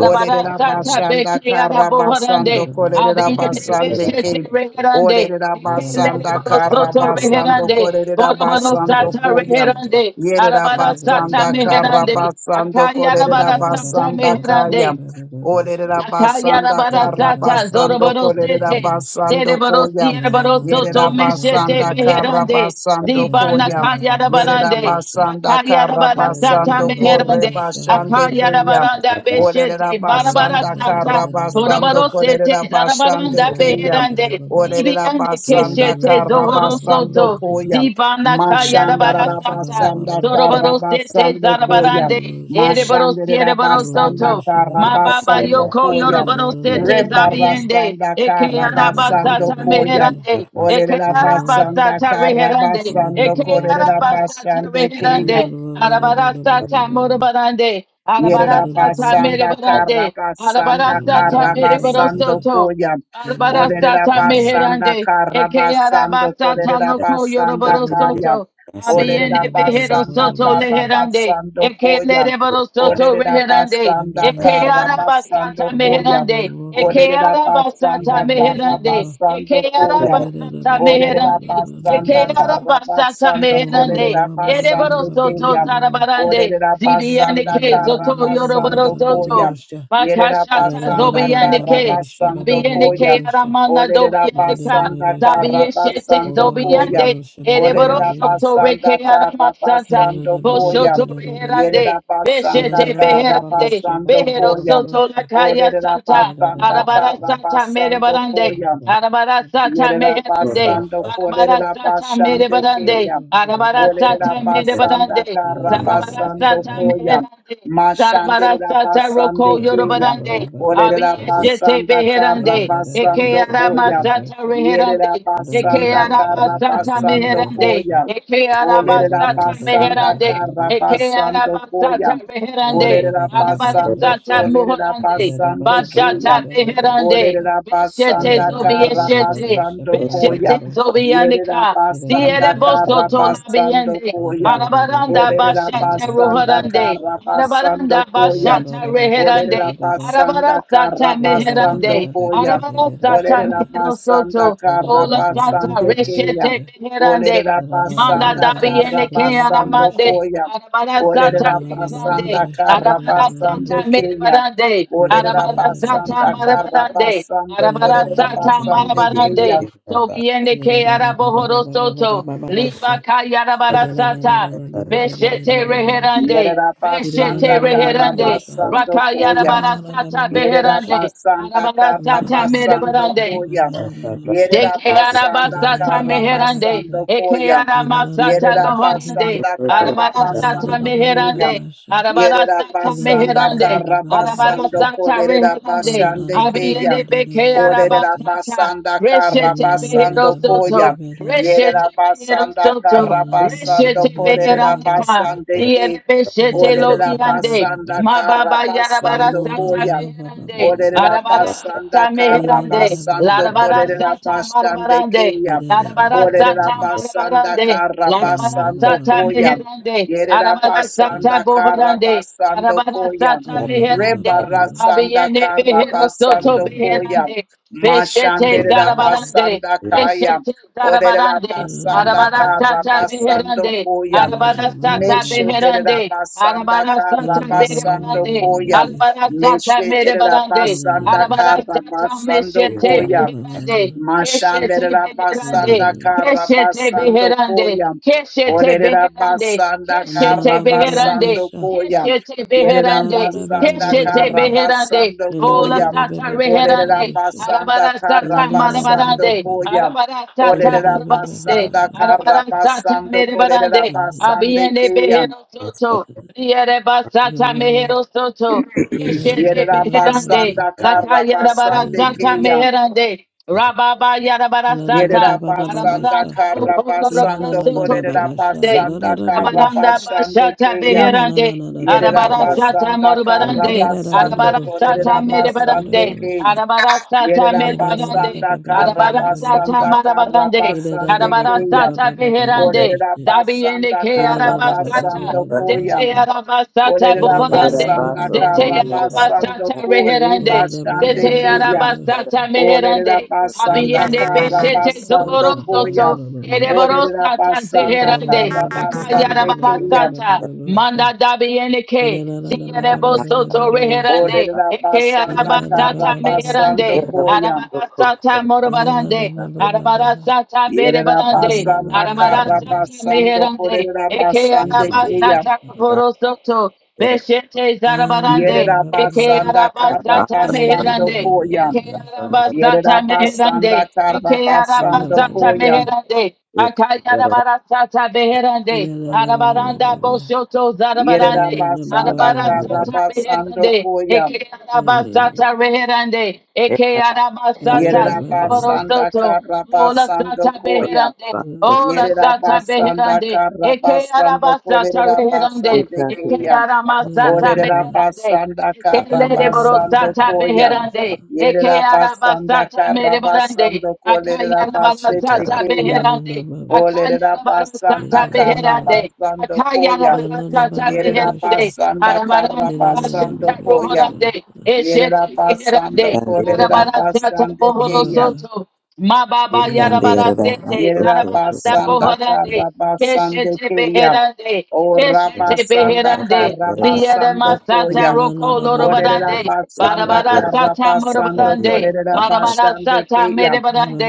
Olerera basanda beke karra basando araboharande. kolerera Abiende basande beshete ke. reherande, Olerera ekelele basanda karra barosoto basando reherande, kolerera boroboro basando sata koya. reherande, Yerera arabara sata basanda kara meherande, basando akayara kolerera bara sata basanda kaya. meherande, Olerera akayara basanda bara kara sata basando zoroboro kolerera sete, zere basando baro koya. siere baro soto Yerera meshete basanda kara of beherande, basando Yada zibana koya. kayara Yerera barande, basanda zakayara kara bara sata basando kore meherande, basande akayara keya. baranda Olerera beshete, barabara basanda kara sata basando Korobarosete, kolerera zarabaranda basande keya. beherande, Olerera ibiyande basanda keshete, kara zohorosoto, basando koya. zibana kayarabarasata, Mashandarabasanda zorobarosete, Karabasando Koya. zarabarande, erebaros, Mashandarabasanda ma baba Karabasando yoko Koya. yorobarosete, zabiyende, Rebarasanda eke arabasata Karabasando Koya. meherande, eke Olerabasanda arabasata reherande, Karabasando eke arabasata Korerabasande Keya. reherande, arabarasata morobarande, arabarasata Yerabasanda merebarande, Baba Karabasanda Alabarasata Karabasando mereborosoto. Koya. Alabarasata Olerabasanda meherande. Eke Karabasando arabasata loko Kolerabasanda Kaya. yoroborosoto. Abiene Olerabasanda beherosoto leherande. Karabasando Eke Koya. lereborosoto reherande. Olerabasanda Eke arabasata Karabasando Koya. meherande. Eke arabasata Olerabasanda meherande. Eke Karabasando Koya. arabasata meherande. Eke Olerabasanda arabasata Karabasando meherande. Kolerabasando Yereborosoto Kaya. zarabarande. Olerera Get it Zibiane basanda ke out kara zoto basando yoroborosoto. koya. Yerera Bakashata basanda kara Zobianike, basando koya. Zabianike, Aramana Olerera Dobianika, basanda kara Zabieshete, basando koya. Zobiande, Ereboro Olerera Soto basanda Reke kara Aramasata, basando koya. Boshoto Yerera Reherande, basanda Beshete kara Beherande, basando Behero koya. Soto Lakaya Olerera Santa, basanda Arabara kara Santa basando Merebarande, koya. Arabara Santa Yerera Meherande, basando Arabara kolerera Santa basande Merebarande, keya. Arabara Santa Olerera Thank basanda Merebarande, kara Zarabara basando Santa koya. Meherande, Zarabara Mashanderera sata roko basande keya. yorobarande. of Olerera the Abiyeshete basanda Get beherande. kara it out Eke basando arama koya. sata reherande. Yerera Eke basanda araba kara basando meherande. koya. Eke araba Olerera basanda meherande. kara Eke basando araba koya. reherande. Olerera Arabara basando kolerera muhorande. basande Bashata keya. beherande. Olerera Beshete basanda kara zobiyeshete. basando Beshete koya. Yerera zobiyanika. basanda Zierebo kara soto basando labiende. koya. Arabaranda Olerera bashata basanda roharande. kara Arabaranda basando koya. bashata reherande. Olerera basanda Arabarasata kara meherande. basando koya. Arabarasata Olerera meherosoto. basanda kara Ola sata basande keya. reshete of beherande. Olerera Ida la la la Manda basanda la la sha dabiene kara ba ke ba Ida basando aramande. la koya. Arabara sata Olerera la meherande. basanda kara Arabara basande sata keya. merebarande. Orera Arabara sata basanda karra marabarande. basando Arabara korera sata basande keya. marabarande. Tobiende ke arabohoro soto. Liba kayarabara sata. Beshete reherande. Yerera basanda Beshete karra reherande. basando koya. Rakayarabara la ba sata ba ba ba Yerera sha beherande. basanda Arabara kara sata basando merebarande. koya. De Yerera Dekeara basanda basata kara meherande. basando koya. Ekeara masata Yerera lohorande. basanda kara Arabara sata basando koya. meherande. Shabba Arabara Yerera sata Baba, basanda meherande. kara Arabara basando sata kolerera reherande. basande keya. Abiende bekeara Olerera basata. basanda kara Reshete behero basando soto. koya. Reshete Yerera behero basanda soto. kara basando Reshete kolerera beherande basande ke. Diebe shete lo Olerera bihande. basanda Ma kara baba yarabara basando sata koya. beherande. Orera Arabara sata basanda kara meherande. basando Larabara korera sata basande marabarande. keya. Larabara sata Orera basanda marabarande. kara Larabara basando sata koya. meherande. Yerera Arabara sata basanda kara bovarande. basando Arabara koya. sata meherande. Rebara sanda Abiende kara behero soto basando koya. beherande. Beshete Mashandera zarabarande. basanda kaya. Beshete Orera zarabarande. basanda Arabara kara sata basando beherande. Get koya. Arabara sata it, beherande. Meshedera basanda Arabara sata kara basando beherande. koya. Arabara Ida sata Meshetera da merebarande. basanda Arabara kara sata basando meshete koya. beherande. Keshete Mashandera beherande. da basanda kara Keshete basando beherande, koya. keshete Olerera beherande, basanda keshete kara da ba ba ba beherande, ba basando sha koya. keshete da da Yerera beherande, basanda keshete kara beherande, basando ola koya. sata Olerera reherande, basanda arabara kara sata basando marabarande, koya. arabara sata Olerera marabarande, basanda kara arabara sata basando korerera merabarande, basande abiende keya. behero soto, riere basata mehero soto, Keshete Yerera beherande, basanda kara lakayara basande barasata keya. meherande, rababa yara barasata, Yerabasanda arabaranda bukolo Karabasando rabasoto da meherande, Korerabasanda da da da arabaranda sha. Karabashande bashata E Kaya. na na beherande, na na na ba ba ba ba sha. arabarasata Yerabasanda Ya morbarande, da you. da da da do Karabasando do sha ba arabarasata ba ba ba ba da do Korerabasande merebarande, do do Kaya. sha. arabarasata Ya da da da da merebarande, ba Yerabasanda ba ba ba ba da do do arabarasata sha. Karabasanda marabarande, E da da da Karabasande ba ba ba Kaya. ba arabarasata ba ba ba da beherande, do do Orera sha. dabi yene basanda ke E da da da ba ba arabasata, ba karabasando da do do dete koya. sha. arabasata Ya Orera da da da boborande, ba ba basanda ba ba da Zete do sha. karabasando arabasata kore E reherande. da da ba ba Zete basande ba ba da keya. do arabasata sha. meherande. Olerera E da basanda da Abiende ba ba ba kara ba beshete da da basando zororo ba ba da do soto. koya. do do do sha. Ereboro Olerera sata basanda Ba ba ba zeherande. kara ba ba ba da Akaya do basande do do ba ba koya. ba ba arabasata. da do Manda sha. dabiende ke. Ya da da da da ba ba Zierebo ba ba da do soto do do sha. reherande. Olerera Eke basanda Baba, kara arabasata Baba Baba basando meherande. koya. Arabasata morobarande. Arabarasata Yerera berebarande. basanda kara Arabarasata basando meherande. kolerera Eke basande koya. arabasata borosoto. Beşete zarabarande, Yerera eke basanda arabasta kara basando tameherande, koya. eke arabasta Yerera basanda tameherande, kara eke basando arabasta koya. tameherande, akayara barasta tameherande, arabaranda boşoto Yerera zarabarande, basanda arabarasta kara basando tameherande, koya. eke arabasta tameherande, eke arabasta Yerabasanda tameherande, Ola Karabasando sata Koya. beherande. Ola sata Yerabasanda beherande. Eke araba Karabasando sata beherande. Kolerabasande Eke Kaya. arama sata beherande. Olerabasanda Eke lere boro Karabasando sata Koya. beherande. Eke araba Yerabasanda sata mere barande. Karabasando Akaya araba Kolerabasete sata Cheetah Kaya. beherande. Akaya araba sata Olerabasanda beherande. Karabasando Akaya Koya. araba sata beherande. Baba Yerabasanda Arabaranda Mama, basata Karabasando Koya. rohorande. Eshete beherande. Yerabasando up, Arabara sata Kolerabasande bohoro Kaya. Mama, soto. Ma baba Ekandera yarabara sete, baso yarabara kotera Yerabasanda kohorande, Karabasande keshete Kaya. beherande, O basera keshete basa Rabasanda beherande, kandera liyada basa Karabasando La masata la Koya. la roko O lorobarande, Rabasanda barabara ekandera sata basa Karabasando morobarande, kandera Korera basa marabara Basande sata Kaya.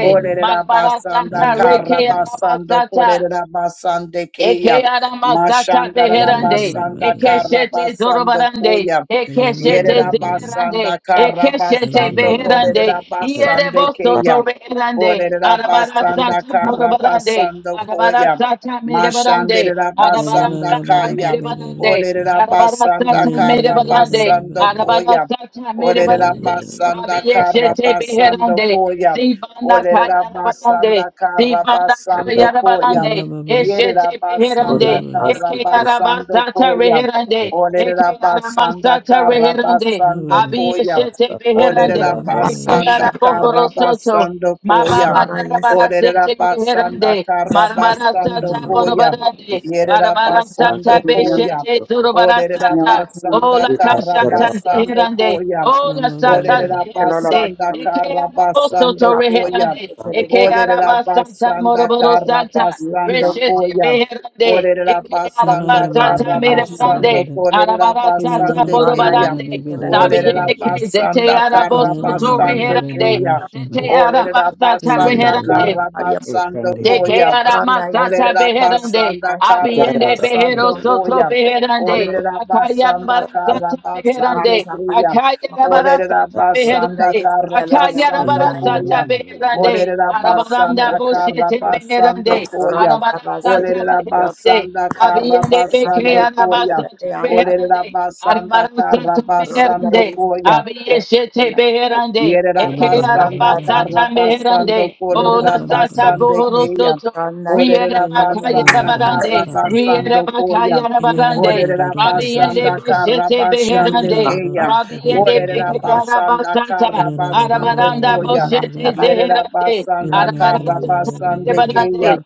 O marabara Rabasanda sata reke Karabasando anabasata, Korera Basande Eke Kaya. arama sata Mashanda beherande. Rabasanda Eke shete Karabasando zorobarande. Koya. Eke shete zeherande. Yerabasanda Eke shete Karabasando beherande. Korera kutera Iere Basande boso Kaya. to reherande. Orera Arabara kandera basanda sata basa kandera basa kara morobarande. basando Arabara koya. sata merebarande. Mashandera Arabara basanda sata kaya. merebarande. Orera kandera Arabara basanda sata kara merebarande. basando Arabara koya. sata Orera merebarande. kandera basa kutera basa kandera basanda basa kara Abiyeshete basando beherande. koya. Zibana Orera kayana basanda barande. kara Dibanda kutera basando kayara koya. barande, ba ba eshete Yerera beherande, kandera basanda kara basa ekandera ekeyara basando basata koya. reherande, Orera ekeyara basanda masata kara reherande, basando abi basa basa kandera basa koya. ekandera eshete kutera basa beherande, Olerera ekeyara basanda Akashiri bohoro soto, karabasando koya. mababa Rada yara Yesi Olerera barasete reherande, basanda marmara karabasando sata Yanda Baki koya. borobarande, Yerera basanda Barabarasanta Akashiri Yanda koya. beshete Olerera Yanda zurubarasanta. Kundama basanda Ola kashanta karabasando zeherande. koya. Ola sata Olerera Kelala zehirande Baki basanda Yama Eke araboso to karabasando Ratsa koya. Pasta Keleri Eke Yanda Olerera arabasanta basanda moroboro santa. Yeki karabasando Yanda Reshete Makan koya. beherande. Olerera Eke basanda arabasanta Ratsa ba ba Baki sha ba Yama ba karabasando merebrande. da. kolerera Kenana Arabarasanta na basande na ba Rada ba keya. ba ba borobarande. Yesi ba da Keleri da da Sabiye da Olerera Yanda sha. ke zete basanda Yanda araboso Kenana Kundama na to ba ba karabasande ba da reherande. Baki da keya. Yama sha ba. Zete Olerera arabasanta Kenana basanda ba reherande. Yanda Kaya karabasando De ba que koya. ara Randa Yesi masata Olerera Keleri beherande, basanda Yanda abiende Yanda behero karabasando Kundama soto koya. beherande, Yanda Olerera akaya basanda barasata karabasande beherande, Ratsa Baki kriya. akaya Mako Olerera barasata Randa basanda beherande, Yesi Keleri akaya karabasando Yanda barasata koya. Yang beherande, Olerera kona arabaranda basanda masekele yang boshete karabasando beherande, koya. rata arabarasata Olerera basekele yang beherande, basanda Abiyende beke Randa karabasando is arabasa koya. Orera tarehende. basanda Aribarusa karra basando tameherende. koya. Abiyeshete beherende. Yerera ba Eke ba ba basanda ba arabasa ba. karra tameherende. basando Ara da Ola kolera ba ba ba sata ba basande buhuru sha. keya. soto. Riere Orera Kenana bakaya na ba basanda ba ba rabarande. ba karra ba ba Riere sha. basando koya. bakaya Kenana na rabarande. da da Orera da da Rabbi da and they sha basanda sha. karra beshete Kenana basande da beherande. da da basa keya. da Rabbi sha ba and kandera ba they ba ba beke Orera da da basa sha. basanda arabasata. karra Kenana da da da basando da Arabaranda da da koya. ba ba boshete ba sha. Yerera zeherande. basanda Kenana na karra na na Arabarasata na ba basande ba da keya. medebarande.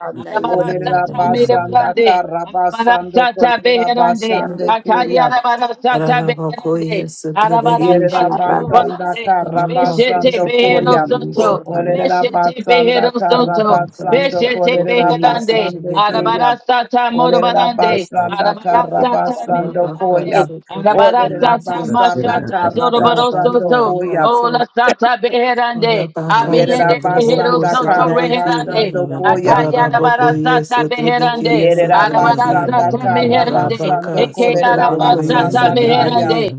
da da Orera Arabarasata da da basanda medebarande. karra basando Arabarasata kolera beherande. basande keya. Akayarabarasata beherande. Aranabakoye Arabarasata Satrabekishete, Yerabasanda muhorande. Arabako Beshete Karabasando da Behero Koya. Satrabeki, Soto. da. Satrabeki, Beshete Behero Olerabasanda Soto. Arabaka Karabasando Beshete Satrabokoye Beherande. Kolerabasande Satrabeki, Arabara Kaya. Sata Morabarande. Olerabasanda Arabara Sata Karabasando Arabaka Mirabarande. Koya. Arabara Satrabokoye Sata Satrabeki, Olerabasanda Mashata Zorobaro Karabasando Arabaka Soto. Koya. Ola Yaso, Sata Beherande. Arabaka Abiende Behero Zababababasha. Satraboko Yerabasanda Soto Randa Satrabeki, Ida Reherande. Karabasando is Koya. Akaya barasa zababababasha. Aranabakoye Akayarabarasata Satrabeki, meherande. Ida Rara Satrabeki, Yerabasanda Arabarasata zababababasha. meherande. Rabaka Karabasando Ida Satrabokoye Ekeyarabasata Kolerabasanda Kaya. meherande. namnababababasha. Ida zababababasha. Satrabeki,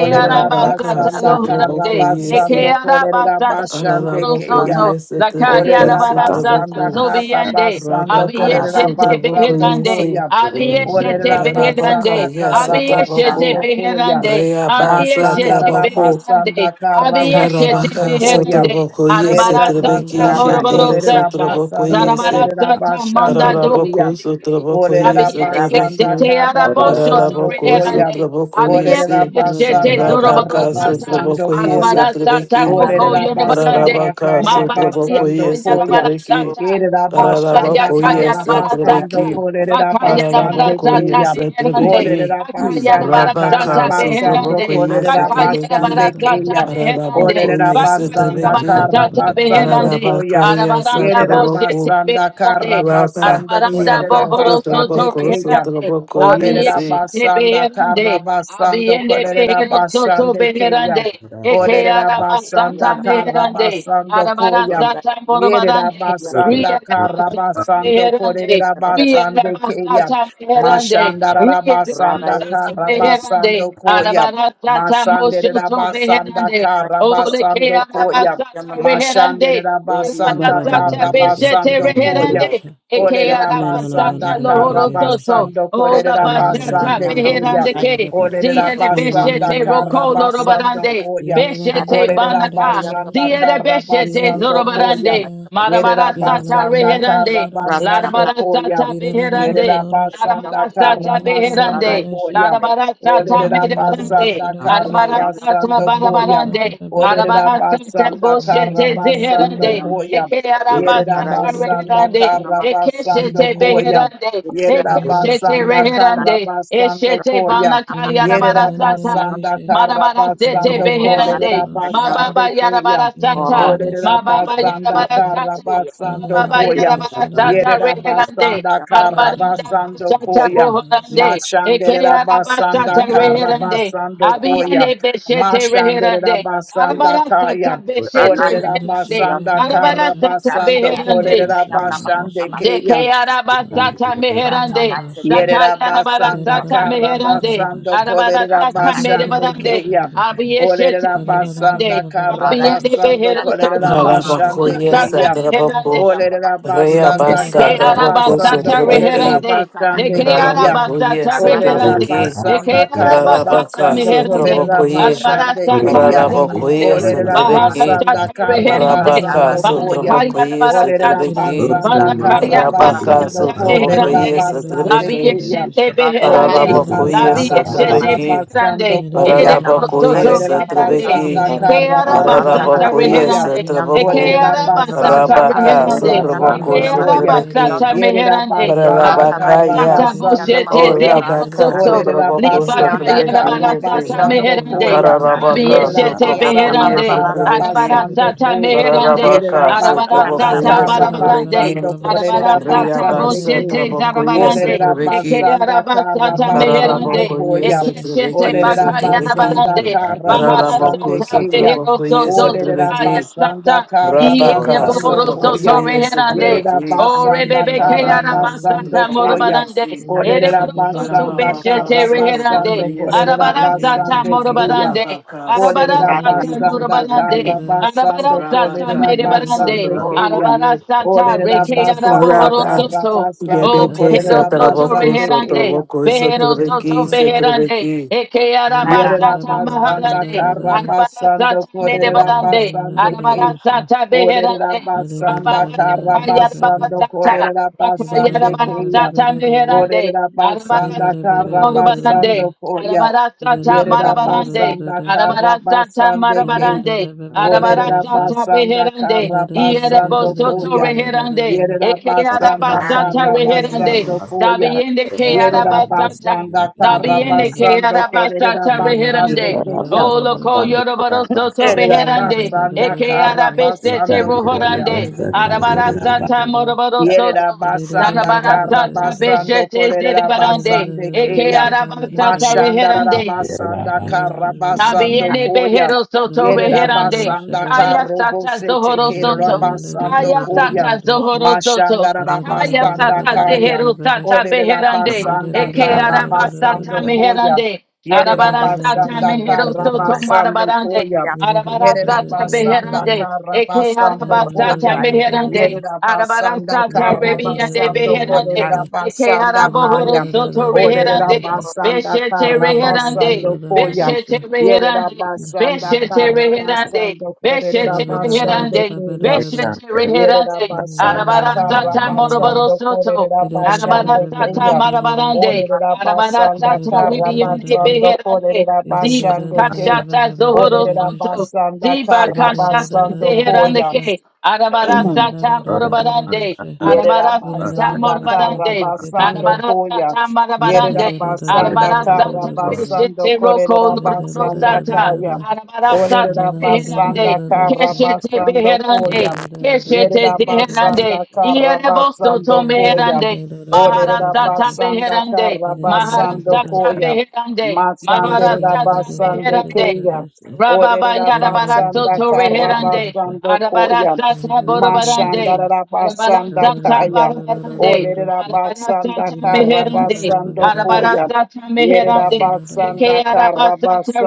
Olerera Rabaka basanda karra loherande. Satrabokoye Satrabeki, basando kolerera Ekeyarabasata basande Araraboko keya. lohorosoto. ye setebeke Orera Lakayarabarasata basanda setraboko. kaba zobiende. basando Rabaka korera Abiyeshete sotraboko basando beherande. yese. koya. Ida Abiyeshete Orera beherande. Ararabaka basanda yes kara Abiyeshete sotraboko. basando koya. beherande. Reabasa Masanda Abiyeshete rara tabako. beherande. basanda kara Abiyeshete basando Ararabaka koya. beherande. sotraboko ye Arabara Yerera sata setrebeke basando shete moroboro ye korera sata. sotraboko basando Zarabara yese. korera sata manda basande dobi koya. Araraboko yendike. sotraboko ye Tabi Orera yendike basanda zete setrebeke. kara arabosho basando Araraboko koya. turinirande. sotraboko Abiyende Orera yese. beshete basanda zoroboro kara Rabaka sata. sotraboko basando zababababasha. ye Arabara koya. sata setrebeke. Ida roko Orera yorobarande. basanda Tararabaka kara Mababa yaka basando sotrobokoye yarabara koya. setrebeki. sata. Erera basanda Tararabokoye kara basando setrebeki. korera basande Tararabokoye keya. setrebeki. Orera basanda kara Rabaka basando sotrobokoye korera setrebeki. basande keya. zababababasha. Orera Tararabokoye basanda setrebeki. kara basando koya. Tararabaka ya Yerera satraboko. basanda kara Raba basando korera yaga basande sotroboko keya. sotrobokoye Orera se. basanda kara basando Abiende korera behero soto basande keya. beherande, eke Orera arabasata basanda meherande, karabasando Arabara koya. Satan Yerera Borobarande, basanda ria Labasata karabasando Meherande, korera ria basande keya. Labasata Meherande, Mashanda ria rabasanda Labasata meherande, karabasando is koya. Arabara Satan Masandera Rata Moshoto basanda meherande, Arabarasatamorabarande. Rielabasatamherande. Rielabasatamherande. Rielabasatamherande. Arabarasatamosotobeherande. Oleke karabasando koya. arabasatareherande. Mashandera basanda Arabasata Babababababasha. beshete Da karabasando da da da reherande. koya. sha. Eke Orera Ina na na na arabasata na basanda na na na lohoro na soto. sha. karabasando Ola korera Ina na na na basata basande keya. beherande babababasha ke. bababab. Orera Ziere Ina na na basanda beshete na na na kara na rokolo sha. basando robarande. Get koya. Beshete Orera banaka. basanda Ziere kara beshete basando koya. zorobarande. Yerera Marabarasata basanda reherande. kara basando koya. Larabarasata beherande. Yerera Arabara basanda kara Larabarasata beherande. basando koya. Larabarasata Orera medebarande. basanda kara Arabarasata basando koya. barabarande. Orera Arabarasata basanda boshete kara basando zeherande. koya. Eke Yerera arabasata basanda reherande. kara Eke shete basando koya. beherande. Yerera Eke shete basanda kara reherande. basando Eshete koya. banakaya arabarasata. Yerabasanda Marabara sete Karabasando loko beherande. namasari Mababa yandako Korabasande Kriyan. yarabara sata. ati Mababa yandako Orabasanda yarabara it, sata. namasari Karabasando Mababa Koyam. Get yarabara sata reherande. Yerabasanda namasari Marabaranda Karabasando basata Koyam. rohorande. yandako Eke namasari Machanderabasanda yarabasata reherande. Karabasando Koyam. Abiyene beshete reherande. Machanderabasanda Arabara yandako sata Kayam. rana beshete isari reherande. yandako Orabasanda Arabara sata rata Karabasando beherande. namasari yandako Korabasande namasari Kriyan. Dekeyarabasata rata meherande. namasari Yerera yandako basanda Zakayarabarasata kara namasari meherande. basando kolerera rata Arabarasata namasari basande merebarande. yandako keya. Abiyeshete Olerera meherande. basanda kara rara Abiyende basando behero rara yama kolerera soto. mama Ola basande Tararabokoye sukuna sata keya. meherande. satraboko. Olerera yandako basanda namasari Reabasa Deke kara traboko arabasata basando Thank you. kolerera sotrebeki. reherande. basande Deke rata keya. Rarabakoye arabasata Randa Olerera Ora reherande. Satrabeki, Ikianda basanda Deke kara arabasata Rarabaka basando meherande. kolerera Sotrabokoye, it basande Arbarasata keya. Shit. Rarabakoye meherande. Olerera Satrabeki, basanda Baharasata kara reherande. Rabaka basando koya. Banakari Sotrabokoye Olerera arabasata. Satrabeki, basanda Banakari kara Rabaka basando arabasata kolerera Sotrabokoye meherande. basande Labi Satrabeki, keya. yeshete Olerera beherande. Rarabakoye Labi basanda kara yeshete Satrabeki, basando beherande. koya. Ere Makunda Rarabakoye soto is the Olerera Kennedy on reherande. the Satrabeki, basanda pool. Eke kara arabasata Rataba basando is Rarabakoye the koya. reherande. Kennedy on the pool. Eke Satraboku, Olerera basanda arabasata Rataba is the Rabaka kara reherande. Kennedy on the pool. Sotraboko basando Namasa koya. Satrabeki, Ekearabasata Kennedy Yerera meherande, basanda kara Rabakaya Ratamakianda arabarasata Makianda basando boshete Oh, yeah, koya. Baka, Masakurasaka. zeherosoto, Olerera Sotraboko, basanda Yekianda Sotrabeki, kara Yesi, libakayarabarasata Keriondo basando Kunda meherande, koya. Masaka. Ararabaka, Yerera abiyeshete Yekiasa Sotraboko, basanda Baba beherande, Baba kara Sukuna. Yesotrabeki, basando arabarasata koya. meherande, Yekianda Yerera Ararabaka, Makonda Masakara Sotraboko, basanda arabarasata kara Labakianda barabarande, Yesotrabeki, basando korerera Ratamakianda. arabarasata basande Riabasa, boshete kin. Traboko, zarabarande, Korerera Yesotrabeki, basanda kara ekearabasata basando meherande, Araraboko, koya. Ekeshete Yesotrabeki, Orerera bakaya na Sotrabeki, basanda barande, kara bahara Araraboko, basande sata keya. behero Sotraboko, soto Orerera sakaya Yesotrabeki, basanda sata, kara iye Rabaka, basando neboro Sotraboko, koya. soto reherande, Yerera Yesotrabeki, o basanda rebebe kara keara Rabaka, basata basando Sotraboko, koya. morobarande, Yesi, Orerera ereboro soto basanda Arabaka beshete kara reherande, basando Sotrobokoye korerera arabara Sotrebeke sata basande keya. morobarande, Arabaka arabara Olerera sata Sotrobokoye basanda kara Sotrebeke morobarande, basando arabara sata kolerera Rabaka merebarande, basande keya. arabara Yasotrobokoye sata Olerera rekeara basanda bohoro Oraba kara soto, basando Oh, Yebeke kolerera Bejero Soto Sotroboko basande Reherande, Sotroboko Bejero Sotrebeke Soto Beherande, Sotrebeke Eke Yeah. Arabasata Yerabasanda Maharande, Karabasando Arabarasata Medebarande, Korerabasande King. Arabarasata Beherande, Orerabasanda Rambaba Karabasando Yakayarabarasata, Korerabasande Kaya. Yakayarabarasata Meherande, Orerabasanda Arabarasata Morabarande, Karabasando Koya. Arabarasata Marabarande, Yerabasanda Arabarasata Karabasande King. Marabarande, Arabarasata Orerabasanda Beherande, Ierebo Karabasando Soto Koya. Reherande, Eke Ora Yerabasanda Ratamakianda Arabasata Reherande, Karabasando Koya. Dabiende Ke Yerera Arabasata, basanda kara Tabiende que basando arabasta korerera basande reherande. keya. O loco yorobaro soto Erera beherande. basanda Eke kara arabeste te basando Da da da rohorande. Arabarasta ta morobaro Yerera soto. basanda kara Zanabarasta ta basando beshete kolerera zedebarande. basande Eke keya. arabasta Mashandara reherande. basanda kara basando Tabiene koya. behero soto Yerera reherande. basanda Kaya karo sata bose zohoro tekera soto. basando Kaya koya. sata zohoro soto. Mashandara Kaya basanda sata kaya. zehero sata Olerera beherande. basanda Eke kara araba sata basando koya. meherande. Yerera Arabara da sata basanda mehero kara soto da basando marabarande. koya. Arabara Yerera sata basanda beherande. kara Eke basando araba sata koya. meherande. Yerida Arabara Basanda Yerabasanda sata rebiande Karabasando beherande. Eke Kolerabasanda araboro Kaya. soto reherande. Olerabasanda Beshete Russia. reherande. Karabasando Koya. Beshete reherande. Yerabasanda Beshete reherande. Karabasando Beshete Basanda reherande. Koya. Beshete reherande. Yerabasanda Arabara sata moroboro Karabasando soto. Arabara Kolerabasande sata Kaya. marabarande. Arabara Olerabasanda sata ribiande Karabasando beherande. Ziba Kolerabasande Kaya. kashata zohoro soto. Olerabasanda Ziba kashata Karabasando Koya. zeherandeke. Arabara sata morobarande. Arabara sata Yerabasanda morobarande. Karabasando Arabara Koya. sata marabarande. Yerabasanda Arabara sata bishete Karabasando roko loroboro Korerabasanda sata. Kaya. Arabara sata zeherande. Olerabasanda Keshete Karabasando Koya. beherande, Russia. keshete zeherande, Yerabasanda ierebosto to Karabasando Koya. meherande, maharasata Olerabasanda beherande, Karabasando maharasata Koya. beherande, maharasata Masanderabasande beherande, Kaya. Rababaya Yarabara Olerabasanda Soto Reherande, Karabasando Arabara Koya. Santa Borobarande, Arabara Santa Mashandarabasandakaya. Barabarande, Arabara Santa Meherande, Arabara Olerabasandakarabasandokoya. Santa Meherande, Eke Araba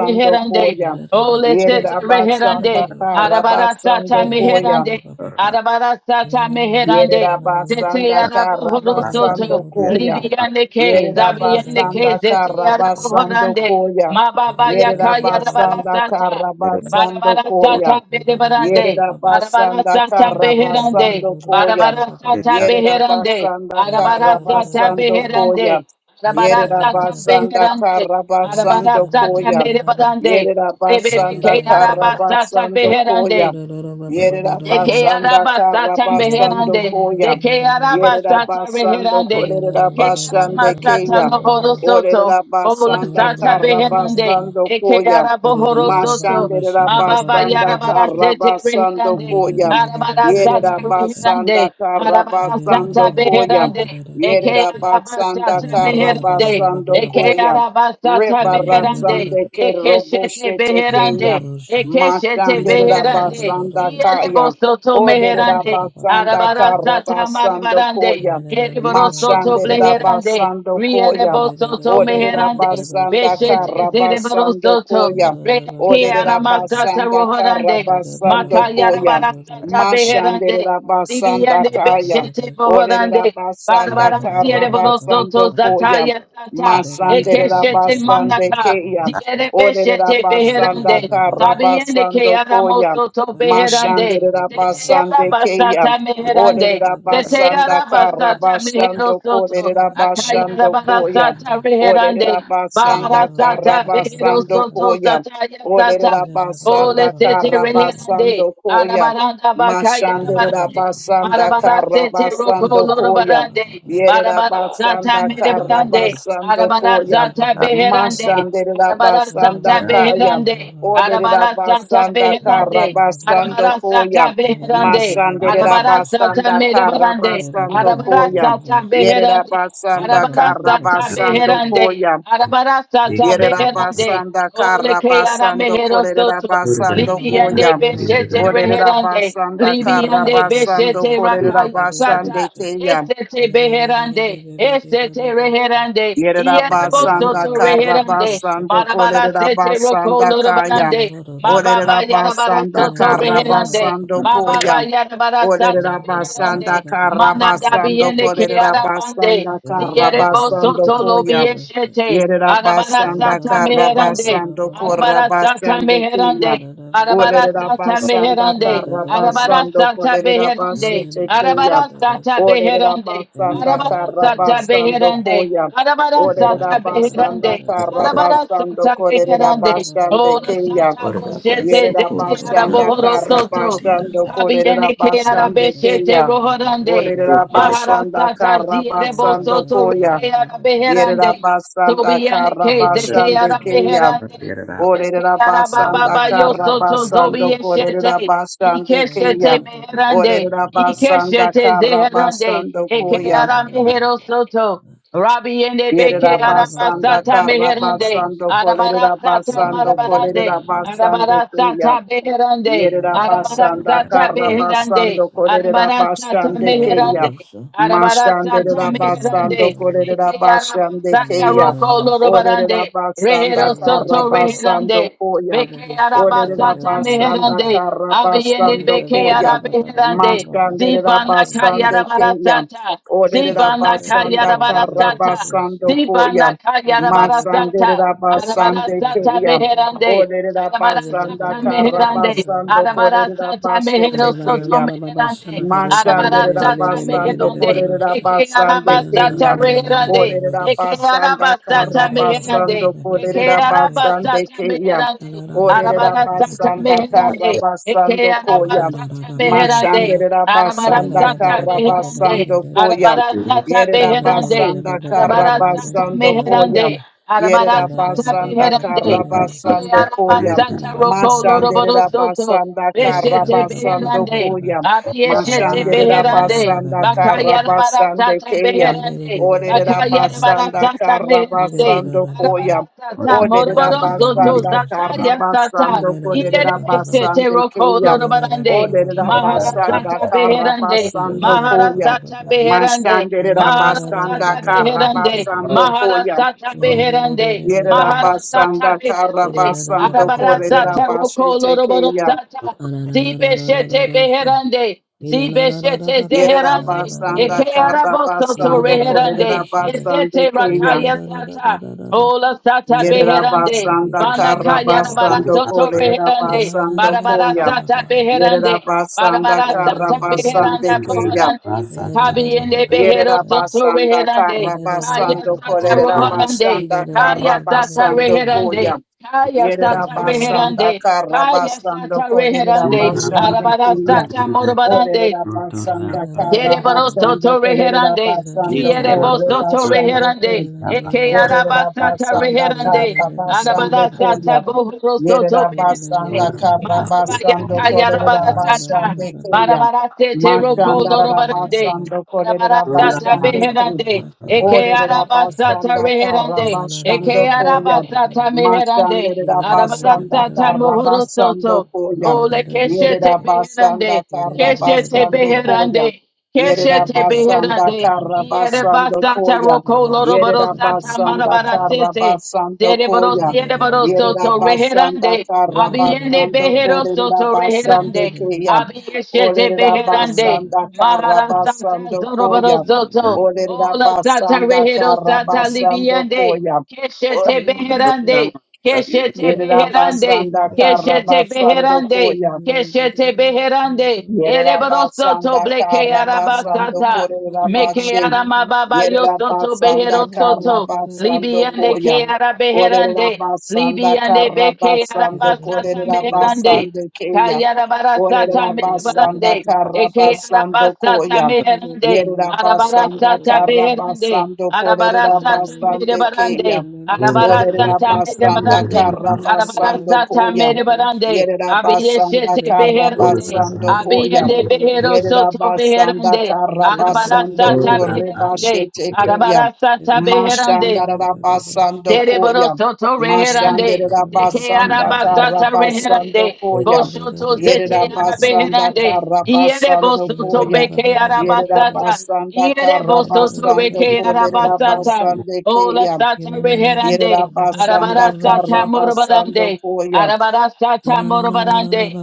Reherande, Ole Sete Reherande, Arabara Santa Yerabasandakarabasandokoya. Meherande, Arabara sata meherande. Zete Yerabasanda arabohoro soto. Karabasando Koya. Baba. Libyande ke. Zabiyande ke. Yerabasanda Zete Karabasando arabohorande. Koya. Mababa yaka yarabara Yerabasanda sata. Karabasando Barabara sata Koya. berebarande. Barabara Yerabasanda sata beherande. Karabasando Koya. Barabara sata beherande. Yerabasanda Arabara sata Karabasando Koya. beherande. Arabara sata Yerabasanda beherande. Karabasando Arabara sata Koya. Thank merebarande. Rebebe Yerabasanda ke arabara sata Karabasando Koya. beherande. Yerera Deke basanda araba kara sata basando meherande. Koya. Deke araba Yerera sata basando Yerabasando meherande. Eke araba Korerabasande sata Keya. lohoro soto. Orera Sha. Ola basanda sata kara beherande, basando Eke Koya. araba horo soto. Mashandera Mababa basanda yarabara kara sete basando meherande. Koya. Arabara sata Yerera basanda beherande, kara Arabara basando sata Koya. meherande. Eke Yerera araba basanda sata kara meherande. basando Eke Koya. araba sata meherande. Rebarasande Eke shete Keroboshe Tekeya. beherande. Eke shete Mashandera beherande. basanda kaya. Ierebosoto Orderera meherande, basanda kara arabarasata basando marabarande, koya. ierebosoto Mashandera bleherande, basando koya. riedebosoto Orderera meherande, basanda beshete kara basando zereborosoto, koya. reke Orderera aramasata basanda kara rohorande, Yes, basando koya. makayarabarasata beherande, Mashandera basanda Dibiande kaya. beshete bohorande. Orderera basanda Barabarasia kara de borosoto basando koya. zataya sata. Masandere Ekeshete rabasande manaka. keya. Diere Olere beshete beherande. rabasanda Sabiende ke karabasando koya. aramoso to beherande. Mashandere Zete rabasande keya. basata meherande. Olere Zete rabasanda arabasata karabasando meherosoto. kolere Akaya rabasando koya. arabarasata Olere reherande. rabasanda Baharasata karabasando beherosoto koya. zataya Olere sata. Holy rabasanda City karabasando Reherande, koya. Arabaranda Bakaya Mashandere Barande, rabasanda Marabara City Get Roko karabasando it koya. Lorobarande, Yerera Barabara Santa basanda kara Medebrande, basando Arabara Koya. Santa Beherande, Mashandera Arabara Santa basanda Kaya. Beherande, Orderera Arabara Santa basanda Beherande, kara basando Arabara Santa Koya. Beherande, Mashandera Arabara Santa basanda kara Medebrande, basando Arabara Koya. Santa Yerera Beherande, basanda Arabara kara Santa basando Beherande, Koya. Arabara Santa Beherande, Yerabasanda Ole ke ara Karabasando basando mehero korerera soto. basando Libiande Koya. beshete Orderera reherande. basanda kara Libiande basando beshete Karabasando rakaya sata. Korerabasande Kaya. Esete beherande. Esete reherande. Ierebo Yerabasanda soto reherande. out of Karabasando Marabara sete roko Kolerabasanda Kaya. lorabanande. Sha. Mababa yarabara Olerabasanda soto reherande. Karabasando Mababa Koya. yarabara sata Olerabasanda beherande. Mana Karabasando dabiende ke arabande. Kolerabasanda Dierebo Karabasando soto Koya. lobieshete. Arabara Yerabasanda sata meherande. Karabasando Arabara sata Korabasando meherande. Kaya. Arabara sata Olerabasanda meherande. Arabara Karabasando sata beherande. Kolerabasando Arabara Kaya. sata beherande. Olerabasanda Arabara sata Karabasando beherande. Koya. Arabara Olerera sata basanda beherande. kara Arabara basando sata kolerera beherande. basande Ola keya. sata boshete Yerera zete basanda araboro kara soto. basando kolerera Kabiene ke Da basande da arabeshete keya. rohorande. Olerera basanda Maharasata kara zierebo basando soto koya. rike arabeherande. Yerera basanda Sobiene kara ke zete basande keya. arabeherande. Olerera basanda Bekeyarababa kara yosoto zobi basando yeshete. kolerera basande Ikeshete keya. meherande. Olerera basanda Ikeshete kara zeherande. basando koya. Ekeyara mehero soto. Rabi yende Yerera basanda bekeyarabasata karra meherande. basando kolerera Arabarasata basando marabarande. kolerera basande kuya. Arabarasata beherande. Yerera basanda Arabarasata karra beherande. basando korerera Arabarasata basande meherande. keya. Arabarasata Mashanderera basando meherande, korerera eke basande arabasata keya. roko Orerera lorobarande, rehero basanda karra da soto da basando reherande, koya. beke Get Orerera arabasata basanda meherande, karra abiyene basando beke koya. arabeherande, Mashanderera zibana basande keya. kayarabarasata, Orerera zibana basanda karra kayarabarasata, basando Sibanda koya. kayarabara sata, Mashanderera arabara basande sata keya. meherande, Olerera arabara basanda sata meherande, karabasando arabara kolerera sata mehero basete soto keya. meherande, arabara Mashandera sata basando meherande, korera eke basande araba sata keya. meherande, Orera eke basanda araba sata kara meherande, basando eke korera araba basande sata keya. meherande, Orera arabara sata basanda kara meherande, eke basando araba koya. sata Ko-ra-ra-ra-ba-ba-ba-sha. meherande, Mashandera arabara basanda sata kara meherande, basando Ira-ra-ra-ba-ba-ba-ba-ba-ba-da-da-da-sha. koya. Arabara sata Yerera beherande. basanda kara Arabara sata basando koya. Ira-ra-ra-ra-ba-ba-ba-ba-ba-da-da-da-da-da-da-ba-ba. meherande. Arabara Yerera sata basanda beherande. kara Ira-ra-ra-ba-ba-ba-ba-ba-da-da-da-sha. Eke basando araba koya. sata roko loroboro Mashandera Ira-ra-ra-ra-ra-ra-sha. soto. basanda kara Beshete basando beherande. Ira-ra-ra-ra-ba-ba-ba-ba-ba-ba-ba. koya. Abiyeshete Mashandera beherande. basanda Bakaya arabara karabasande sata keya. beherande. Orera Bakaya arabara Ah-ra-ra-ra-ba-ba-ba-ba-ba-ba-da-da-sha. basanda sata Ira-ra-ra-ra-ra-ra-ra-ra-ra-sha. meherande. karabasando koya. Arabara Ira-ra-ra-ra-ba-ba. sata Orera moroboro soto. basanda Ira-ra-ra-ra-ra-ra-ra-sha. Zataya sata. karabasando korera Ira-ra-ra-ra-ba-ba-ba-ba. Ilerebesete basande roko keya. lorobarande. Orera basanda Ira-ra-ra-ra-ba-ba-ba-da-da-da-sha. Maharasata beherande. karabasando koya. Maharasata beherande. Mashandera Oh da da da ba ba basanda Maharasata ba ba ba de de beherande. de you. karabasando she. koya. Maharasata Ye Ora de de de de beherande. de de de Yerera de she. Maharasata basanda Ye de beherande. da da ba ba karabasando ba ba ba, korera Arabarasata ba roko basete keya. lorobarosata. Ah da da da da da da da Zibeshete da sha. beherande. Ye na na da da da Zibeshete ba ba sha na na zeherande. da da da Yerabasanda Eke sha. Ye arabosoto na da Karabasando da ba ba reherande. ba sha de. Korerabasande Esete Ye na Kaya. da rakaya da da da da sata. da da da. Ola Ye sata da da da ba ba beherande. ba be Yerabasanda de de de Banaka de da da yarabara sha. Karabasando soto beherande. Ya da da Korerabasando da Barabara da ba Koya. ba ba sata de de beherande. she. Yerabasanda Ye Barabara de de sata de de de de Karabasande beheranda she. Kaya. bohorande. Ye da da da ba ba Kabiyende ba ba, ba Yerera behero da da. soto basanda Ye beherande. da da da Kaya ba karabasando ba, ba sata ba kolerera Ye rohorande. basanda da da da Kaya ba, ba ba she, she, she, she, na na na sata na na na karabasando sha, sha sha, sha sha, de, be da da da ya she. koya. reherande. Kaya Yerera Get sata basanda reherande. Kaya karabasando sata kolerera reherande. basande Arabara kuya. sata morobarande. Olerera basanda Yereboro karabasando soto kolerera reherande. basando Zierebo soto kore reherande. Eke Orera arabasata basanda reherande. kara basando Arabada sata koya. bohoro soto Yerera reherande. basanda kara Mababa basando yaka korera yarabada sata. basande keya. Barabara sete roko Mashanda rara lorobarande. basando korera Arabasata basande keya. beherande, eke Orera arabasata basanda kara reherande, eke basando koya. arabasata meherande, Mashanda rara basanda arabasata kara mohoro soto, basando koya. ole keshete Yerera beherande, basanda kara keshete basando it, beherande, koya. Shit. Yerera keshete basanda beherande, kara basando ierebasata koya. roko loroboro sata Yerabasanda marabarasete, Karabasando Derebro Koya. sierebro soto Yerabasanda reherande. Abiende Karabasando behero soto Korabasando reherande. Kaya. Abiyeshete beherande. Olerabasanda Maharan santa Karabasando zorobro Koya. soto. Ola sata Olerabasanda rehero sata Karabasando libiande, Koya. Keshete beherande. Keshete beherande. Yerabasanda Keshete Karabasando beherande, Koya. keshete beherande, Yerera ereboroso to basanda bleke kara basando arabasata, korera meke bashe. aramababa Yerera yosoto basanda behero kara soto, basando libiande koya. ke Orera arabeherande, basanda libiande kara beke basando Dosha. arabasata korera meherande, basando keya. Orera akayarabarasata basanda meherande, kara eke basando arabasata koya. meherande, Yerera basanda arabarasata kara beherande, basando korera arabarasata basando keya. meherande, Orera arabarasata basanda meherande, kara basando Arabarasata koya. merebarande, Yerabasanda abiyeshete beherande, Karabasando abiyende Koyam. behero soto Yerabasanda beherande, Karabasando arabarasata beherande, basete Ora Kayam. arabarasata beherande, Mashanda Rabasando Koyam. Dereborosoto Mashanda reherande. Deke Rabasanda arabasata Karabasando reherande. Koyam. Boshoto zete Yerabasanda arabeherande. Iere Karabasando bosoto Koyam. beke arabasata. Yerabasanda Iere Russia. bosoto Karabasando reke arabasata. Kolerabasande Ola Kayam. sata reherande. Yerabasanda Arabarasata Karabasando morobadande. Koyam. Arabarasata morobadande.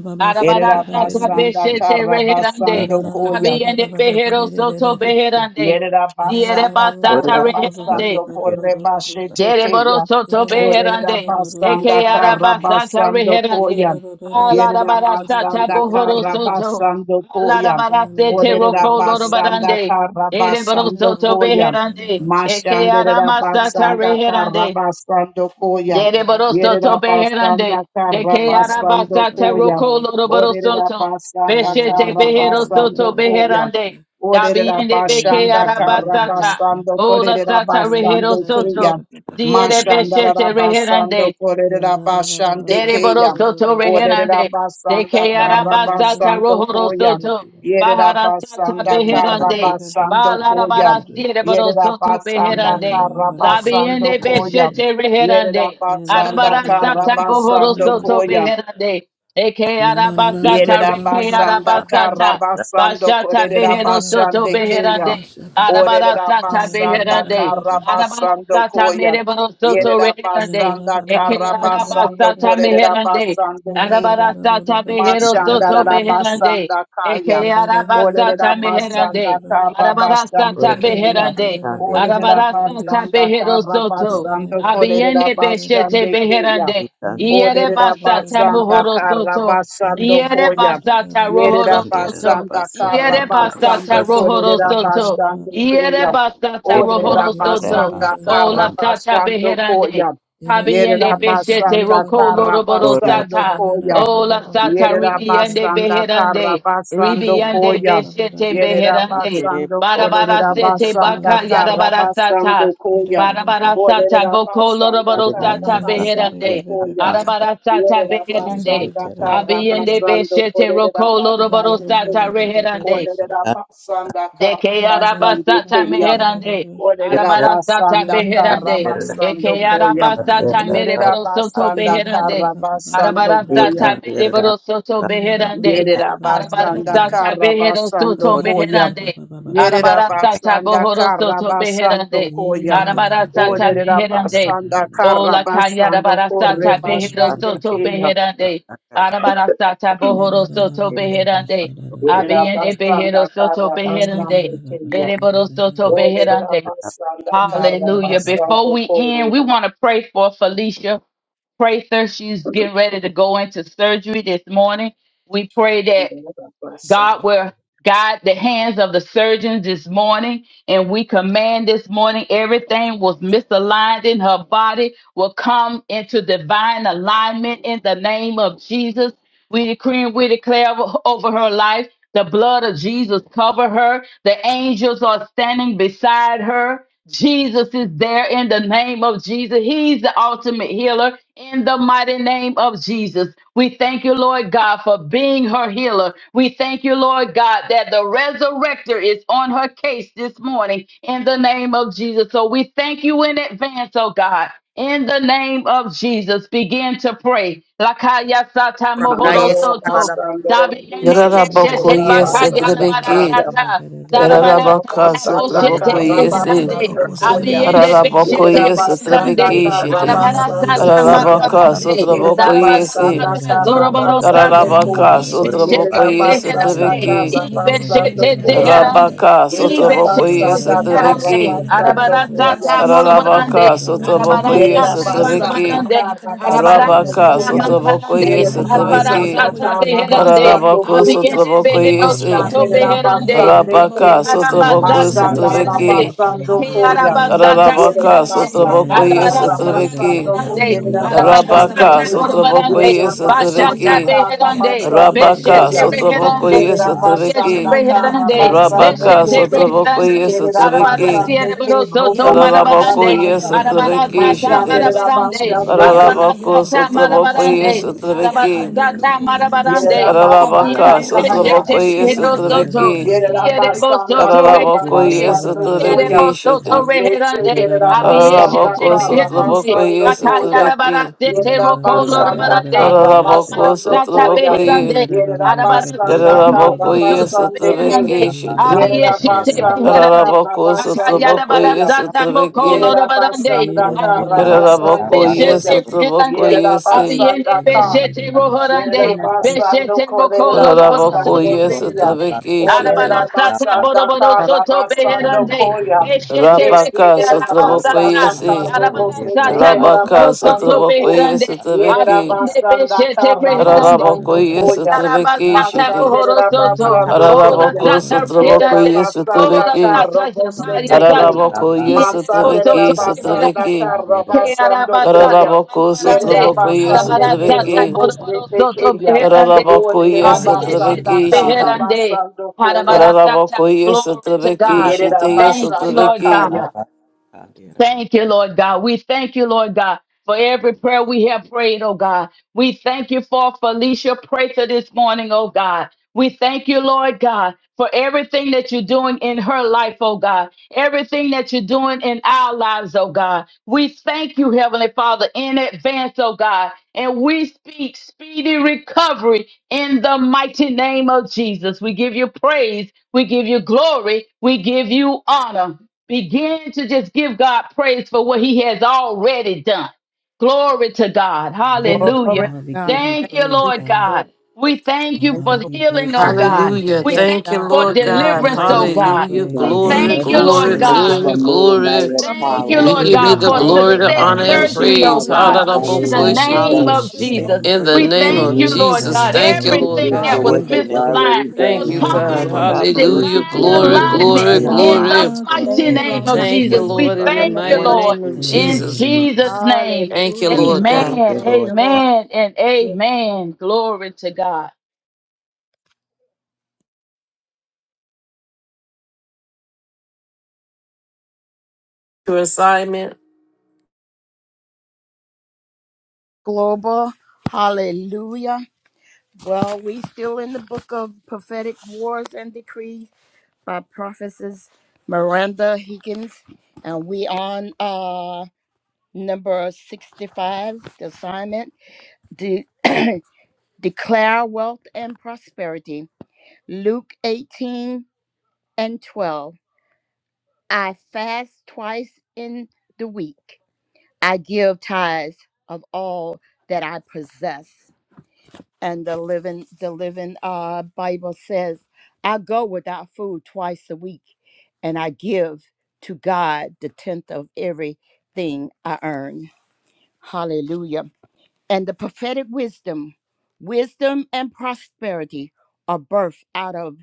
Erera Arabarasata basanda beshete kara reherande. basando koya. Kabi and behero soto beherande. Yerera Diere basanda basata kara reherande. basando kore bashete Dere boro keya. soto Orera beherande. basanda Deke kara araba sata basando reherande. koya. Alara Yerera bara sata basanda bohoro kara soto. basando Alara koya. sete Orera roko loro basanda barande. kara Dere boro basando soto koya. beherande. Eke Mashandera arama basanda kara reherande. basando koya. Dede Yerera Soto Beherande, basanda La De kara la la Keara ba ba basando ba Basata la la koya. Roko la shaa. Loroboro Orera Soto, La basanda la la ba Beshete kara ba ba ba Behero la la Soto basando la la koya. la Beherande, shaa. Orera Dabiende La la Beke la bashanda ba ba la la la Arabasata, shaa. karabasando Ola korera Sata La la la ba Rehero basande ba ba ba keya. Soto, ba ba la la la Diere Mashanda la Beshete shaa. rabasando Reherande, La korera la la ba ba ba basande ba Dede ba keya. la la la Soto la shaa. Orera Reherande, De basanda Keara La la la ba ba Basata ba karabasando ba ba Rohoro la la la shaa. La la la koya. ba Soto, Yerera Bahara Sata basanda ba ba ba ba la la la shaa. La la Beherande, la ba ba ba ba ba la la la shaa. La la la la la la la la karabasando koya. la Balarabara la Siere shaa. Yerera Soto La basanda Beherande, karabasando Labiende koya. beshete Yerera reherande. la la la basanda la ba Arabarasa tapo karabasando horosoto koya. beherande. Eke arabasata reke Yerabasanda arabasata. Karabasando Bashata beherosoto Korerabashande ba ba ba Kaya. ba beherande. shaa. Arabarasata Orerabasanda beherande. Yeah. Karabasando Arabarasata Koya. mereborosoto reherande. Yerabasanda Eke Karabasando arabasata meherande. Korerabasande Kaya. Arabarasata Machanda beherosoto beherande. Rabasanda Kaya. Eke arabasata meherande. Orerabasanda Karabasande Arabarasata Kaya. beherande. Arabarasa ta basanda behero soto. Karabasando Abiende beshete Korerabashande Kaya. beherande. Iere Orera basata basanda mohoro kara soto. basando Iere koya. basata Yerera rohoro soto. basanda kara Iere basata basando rohoro korera soto. basando Iere keya. basa ta Orera rohoro soto. basanda kara Ola sata basando beherande. koya. Kabiende Yerera beshete basanda roko kara loroboro basando Get it, sata. koya. Ola sata Yerera ribiende basanda kara beherande. basando Ribiende koya. beshete Yerera beherande. basando Barabara korera sete basanda baka kara yarabara sata. basando koya. Barabara sata Olerera boko basanda loroboro karra sata basando beherande. koya. Arabara sata Yerera beherande. basanda karra Abiyende basando beshete kolerera roko loroboro basande ke. sata reherande. Olerera basanda karra Deke basande ke arabasata ya. meherande. Arabarasata basanda karra beherande. basando Eke koya. arabasata Yerera mereboro soto basanda beherande. karra basando koya. Arabarasata mereboro soto beherande. Yerera basanda Arabarasata kara behero soto basando koya. meherande. Yerera Thank Arabarasata basanda bohoro kara soto basando beherande. koya. Yeah. Arabarasata Orera beherande. basanda kara Ola kaya basando kore arabarasata behero basande soto keya. beherande. Arabarasata bohoro soto beherande. Yerera Abiende behero basanda soto kara basando beherande. keya. Ereboro soto Orera beherande. basanda kara Hallelujah. Before basando we end, kore. we want to pray for Felicia Prather. She's getting ready to go into surgery this morning. We pray that Andara God basanda. will guide the hands of the surgeons this morning. And we command this morning everything was misaligned in her body will come into divine alignment in the name of Jesus. We decree and we declare over over her life. The blood of Jesus cover her. The angels are standing beside her. Jesus is there in the name of Jesus. He's the ultimate healer in the mighty name of Jesus. We thank you, Lord God, for being her healer. We thank you, Lord God, that the resurrector is on her case this morning in the name of Jesus. So we thank you in advance, oh God. In the name of Jesus, begin to pray. Lakaya sata Randa mohoro yes, Andara soto. Karala basanda. Bakio, Orera Zabiene basanda beshete kara Yarabokoye bakayara basanda Sotrebeke kaya. Rata, barasata. Olerera Yarabaka Zarabarasata basanda boshete Sotrobokoye Se nakarana beherande. karabasando hosane koya. Abiende yosoya beshete Yerera Arabokoye nakarana basanda beherande. Sotrebeke Shite Yamaha karabasando Arabarasata sasi Ratia, koya. Arabaka hanira marabarande. roho Yerera yana kada Sotrobokoye rasa Se basanda bohu Zarabarasata sania. karabasando zorobarosata. koya. Yanira Tararabaka, roso yana Sotraboko, Yerera Ibeshete kada rana yes, kada at the rasa basanda bohu zeherande. Viki. sania yoho karabasando yana Ibeshete kada rasa koya. nia. zeherande. Rabaka, Yerera Yaha It Sotraboko, is, it is, it yahi Ibeshete yes, is, basanda it at is, it the sinia is, roso zeherande. Viki. yana kada karabasando rahana koya. Arabarasata nasa si. it is, it is, it is, Tararabaka, morobarande. Oh Sotraboko, yamani yana yes, Yerera Arabarasata at the roso yana basanda Viki. kada manabarande, rana kara kada rasa bohu basando Rabaka, arabarasata sania. koya. Sotraboko, manabarande, yes, Yerera at Yarabani the nia basanda yoho Viki. arabarasata yana kada kara rana beherande, kada rana basando kada Tararabako, rohu koya. abiyende Sotraboko, sania. behero yes, soto Yani Mashandera yoho beherande, yana kada basande raba eke ke. Rabaka, bohu sania Sotraboko, roso arabasata no no Masandara meherande, sania. Sotrabiki. basando eke koya. Habahani ono arabasata yasania Yerera Tararabaka, meherande, yoso yana Sotraboko, basanda yes, nasa at kara the sia. arabarasata Viki. basando Ya meherande, koya. munia Rata, karara basando arabarasata Rabaka, sababa ke. it hanya Sotraboko, kororo borobarande, so Yerera yes, ya at the bashata nasania basanda Viki. is, kara ya beherande, rabani basando ya it Rabaka, beshete yoho koya. ya Sotraboko, nakarara reherande, yes, Yerera at sani the Beshete ya Viki. basanda moni ya kara reherande, nakarara basando sababa Rabaka beshete ni koya. kodudu Sotraboko reherande, sania yo Yerera sona barabara Yesotrabeki, basande siere nasania ke baroso to ya robo ni roro marabarande, Ararabako so ya sanda nakarara ni barabara Yesotrabeki kororo sata so ya Shitting, Masanderera nosania marabarande, ya bashandeke, barabara is, hali ya Ararabako sata roho ya Sotraboko Ba ba marabarande, ba nasania ya barabara Yesotrabeki, hali ya sata roho ya marabarande, yerera nosania basanda Ararabaka aviende oh ya ni kaya, beshete Sotraboko roro so ya reheroso nakarara to, Yesotrabeki, naka- Yerera liere boso basanda to karra Ararabako reherande, basando liere koya. Yesotrabeki boso to Shitting, Meche reherande, yerera ba ba basanda avieshete Ararabako karra Sotraboko reherande, basando koya. bakayara Yesotrabeki, barasete Yerera rokolo basanda reherande, karra barabara Ararabako basando sata Sotraboko koya. Ye, beherande, Yerera basanda karra Yararabako basande ke. Arabarasatamenedosotabeherande. Yesotrabeki Shitting, Yerera you. basanda Abiyeshetebeherande. karra Ararabako in basando Sotraboko koya. Yesotrabeki, Yerera Bakayarabarasatamokolorobarande. basanda Thank karra basando Tararabako yes koya. at the Boko Yerera yes a basanda soto the name Yerabasando beherande, Tararabako Korerabasande yes at the Kenya. Besheterokoloroborosotobeherande. vacation thing. Orerabasanda Karabasando Arabarasataboroborosotobeherande. Koya. Meshe Rabaka Sotraboko Besheterekearabasata. Yerabasanda yes a Karobose Rabaka Tekerabasando Sotraboko Ko. yes Arabarasatamokolorosotobeherande. at the vacation. Yerabasanda Abiyendebeshetebeherande. Karabasando Tararabako ba. yes at Koya. the vacation Arabasata thing. Mohoro God, Soto, Masanderabasando Bola Koya. God, Sata Rehedande, yes at the Yerabasanda Bola Sata of Karobose the Zataya Teke. Sata, yes at the Yerebo Soto vacation at Masanderabasanda Rehedande, Eke Karabasando Arabasata Koya. Manabarande, yes at Yerabasande the ke Arabarasata roboste Boroboro Soto tekeya. Behedande, yes at the Olerabasanda Abiyeshete Rata, Behedande, karabasando koya. Arabarasata, Ararabakoye glory to sotrabeki, God. shiteye Thank you, Yerabasanda Lord sotrabeki. kaya. God. you. Thank you, Lord God. We thank you, Lord God, for every prayer we have prayed, oh God. We thank you for Felicia Prather this morning, oh God. We thank you, Lord God, for everything that you're doing in her life, oh God. Everything that you're doing in our lives, oh God. We thank you, Heavenly Father, in advance, oh God. And we speak speedy recovery in the mighty name of Jesus. We give you praise. We give you glory. We give you honor. Begin to just give God praise for what He has already done. Glory to God. Glory Hallelujah. to we give God. you Thank Thank you, praise, you, Lord God. Lord God. Jesus. We thank you Thank you for God, for we what healing, bless you've oh your done. God. name, Hallelujah. We God. Yes, thank Thank you, you God, for We we Lord give give you you God. honor, deliverance, oh praise, glory, and God. you, Hallelujah. praise for God, Father. We we what you're Glory, bless thank Thank you, you, doing Father and your glory, Lord name. what you're Thank God. God. you Jesus. God. going glory, for to do, moving Lift Glory God. by glory. We to you your your up, oh thank What name, you, you're power. We We Daddy. Lord God. give already give you you God, the doing, for Thank honor, glory, Lord God. you Oh, the We right success God. we honor, We give and Thank thank you. bless you, your surgery, oh praise. Father, name. We God, for Jesus. bless in your ordering the Hallelujah. us God, name. to we We name go Hallelujah. shiteye. of bless praise you, We your now. thank Jesus. name, you God. In for God. the We your get on name We thank of Thank you, you. faithfulness, We Lord magnify Lord Jesus. you you bless God. God. and your for Thank you, name. Thank We glorify Lord Everything you you, God. bless that for God. your was what God. In the name. you've We name of thank you misaligned already for Jesus, your will Thank we done. you, We thank come honor you, faithfulness, God. back Lord Hallelujah. God. into God, for what In Hallelujah. Jesus' Blessed be you're divine the you. doing name, Glory, name of Lift the Glory thank you alignment to glory, up, in your Lord. you. oh our God. in name, lives, the glory. God. Lord mighty Thank you Thank God. Glory for name right to of now. your Thank you, victory, Jesus. What name. you We Lord, God, in are the In thank the name you, mighty going of to Lord, name Jesus. of do in the in the in name of Jesus. name of Jesus' Jesus. name. Thank you, Hallelujah. We Lord thank God. Amen, you, Thank you, Lord. Lord. amen, and Yes. amen. Glory to God. Your assignment Global. Hallelujah. Well, we still in the book of prophetic wars and decrees. by Prophetess Miranda Higgins, and we on uh number sixty-five. The assignment: de- declare wealth and prosperity. Luke eighteen and twelve. I fast twice in the week. I give tithes of all that I possess. and the living the living uh bible says i go without food twice a week and i give to god the tenth of everything i earn hallelujah and the prophetic wisdom wisdom and prosperity are birthed out of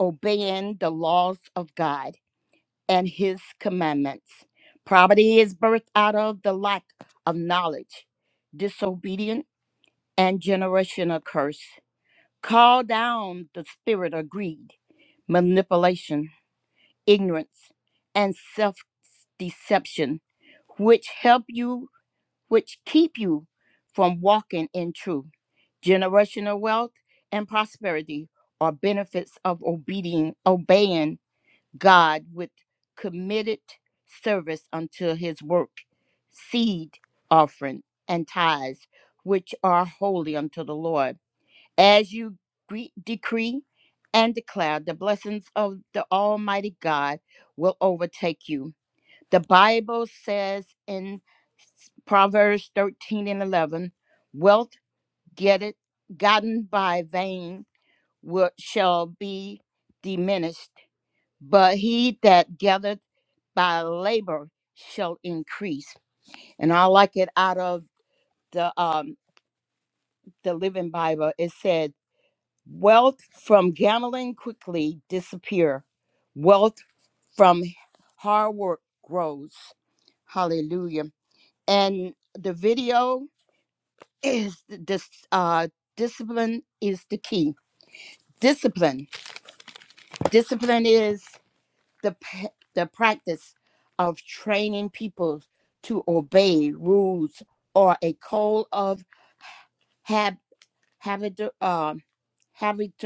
obeying the laws of god and his commandments poverty is birthed out of the lack of knowledge disobedience, and generational curse Call down the spirit of greed, manipulation, ignorance, and self deception, which help you, which keep you from walking in truth. Generational wealth and prosperity are benefits of obeying, obeying God with committed service unto his work, seed offering, and tithes, which are holy unto the Lord as you gre- decree and declare, the blessings of the Almighty God will overtake you. The Bible says in Proverbs 13 and 11, wealth get it, gotten by vain will, shall be diminished, but he that gathereth by labor shall increase. And I like it out of the um the Living Bible. It said Wealth from gambling quickly disappear. Wealth from hard work grows. Hallelujah. And the video is this uh discipline is the key. Discipline. Discipline is the p- the practice of training people to obey rules or a code of hab habit uh, habit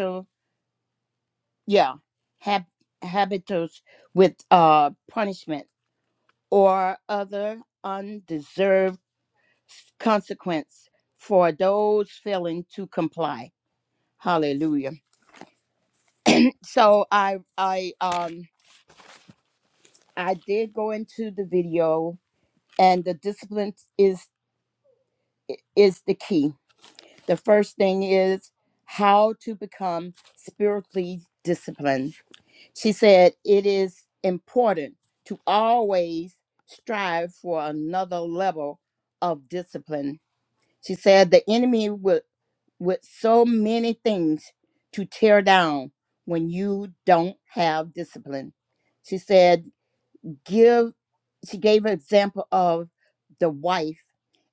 yeah hab- habitus with uh punishment or other undeserved consequence for those failing to comply hallelujah so i i um i did go into the video and the discipline is is the key the first thing is how to become spiritually disciplined She said, It is important to always strive for another level of discipline. She said, The enemy would, with so many things to tear down when you don't have discipline. She said, Give, she gave an example of the wife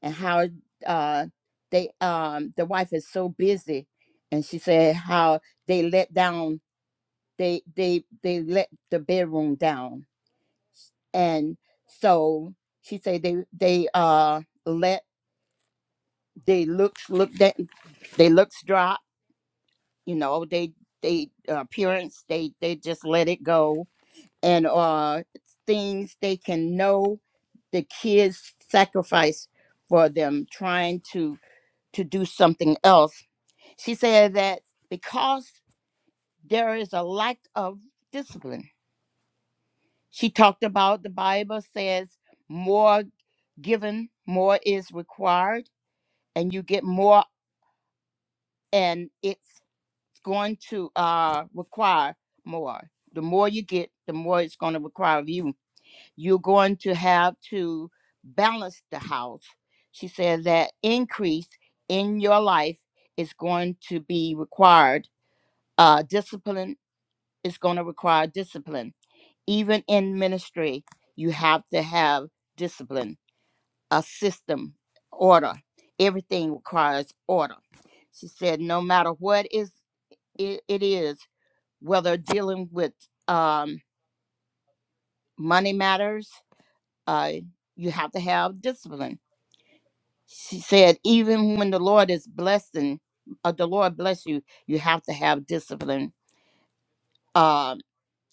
and how uh, they, um, the wife is so busy. And she said, How they let down they they they let the bedroom down and so she said they they uh let they looks look that they looks drop you know they they uh, appearance they they just let it go and uh things they can know the kids sacrifice for them trying to to do something else she said that because there is a lack of discipline She talked about the Bible says more given, more is required, and you get more, and it's going to uh, require more. The more you get, the more it's going to require of you. You're going to have to balance the house. She said that increase in your life is going to be required. Uh, discipline is going to require discipline. Even in ministry, you have to have discipline a system, order. Everything requires order. She said, no matter what is it, it is, whether dealing with um, money matters, uh, you have to have discipline. She said, even when the Lord is blessing, uh, the Lord bless you, you have to have discipline. Um,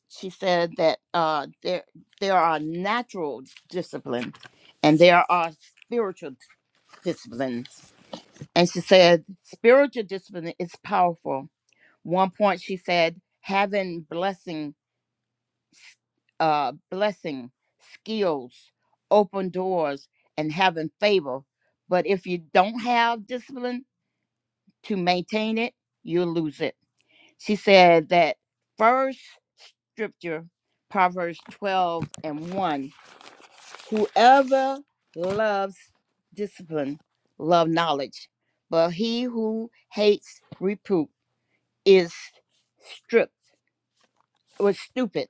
she said that uh, there there are natural disciplines and there are spiritual disciplines And she said, spiritual discipline is powerful. One point she said, having blessing, uh, blessing, skills, open doors, and having favor. But if you don't have discipline to maintain it, you'll lose it. She said that first scripture, Proverbs 12 and 1, whoever loves discipline, love knowledge. But he who hates reproof is stripped was stupid.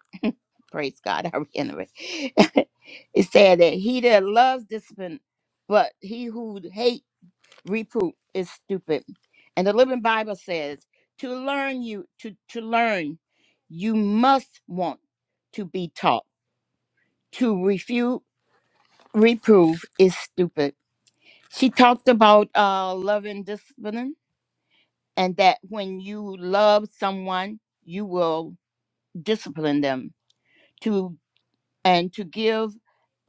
Praise God. I reiterate. it said that he that loves discipline, but he who hate reproof is stupid. And the Living Bible says, to learn you to, to learn, you must want to be taught. To refute reprove is stupid. She talked about uh, loving discipline and that when you love someone, you will discipline them To and to give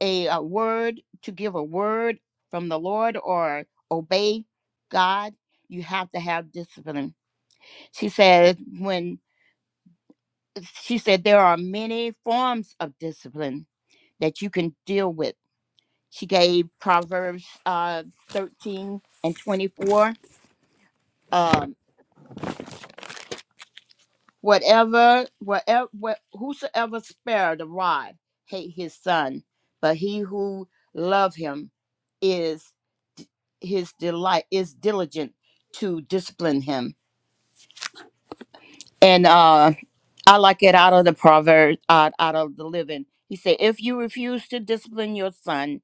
a, uh word, to give a word from the Lord or obey God, you have to have discipline. She said, when she said there are many forms of discipline that you can deal with. She gave Proverbs uh, 13 and 24. Um, whatever, whatever, what, whosoever spare the rod hate his son, but he who love him is his delight is diligent to discipline him. And uh, I like it out of the proverb, out, out of the living. He said, If you refuse to discipline your son,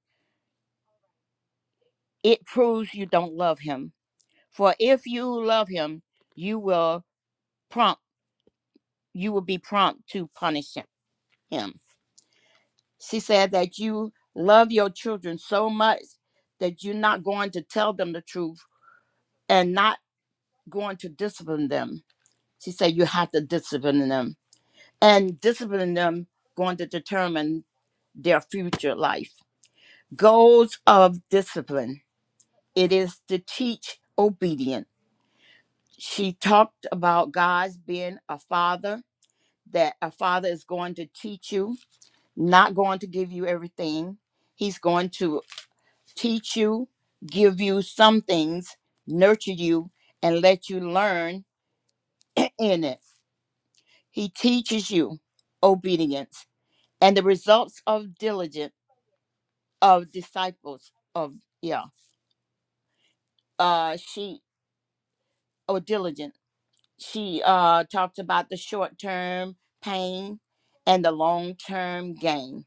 it proves you don't love him. For if you love him, you will prompt, you will be prompt to punish him. him." She said that you love your children so much that you're not going to tell them the truth and not going to discipline them. She said you have to discipline them and disciplining them going to determine their future life. Goals of discipline. It is to teach obedience. She talked about God's being a father, that a father is going to teach you, not going to give you everything. He's going to teach you, give you some things, nurture you, and let you learn in it. He teaches you obedience and the results of diligence of disciples of yeah uh she or diligent she uh talked about the short term pain and the long term gain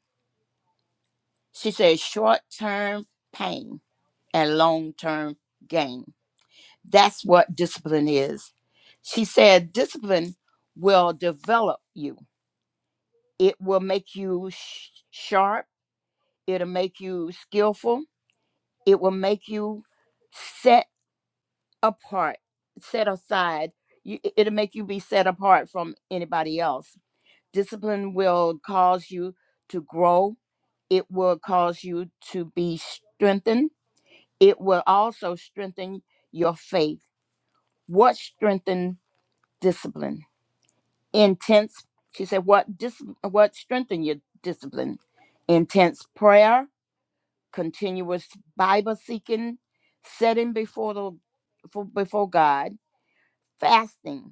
she said short term pain and long term gain that's what discipline is she said discipline will develop you it will make you sh- sharp it'll make you skillful it will make you set apart, set aside. You, it- it'll make you be set apart from anybody else. Discipline will cause you to grow, it will cause you to be strengthened. It will also strengthen your faith. What strengthen discipline? Intense, she said, what, dis, what strengthen your discipline? Intense prayer, continuous Bible seeking, setting before the for, before God, fasting,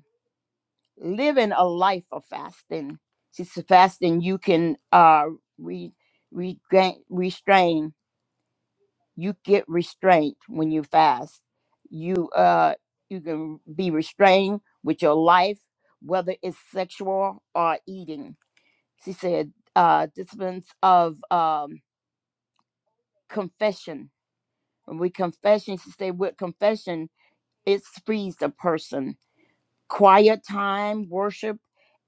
living a life of fasting. Since fasting, you can uh, re, regain, restrain. You get restraint when you fast. You uh, you can be restrained with your life, whether it's sexual or eating. She said, uh, disciplines of um, confession. When we confession, she said, with confession, it frees a person quiet time, worship,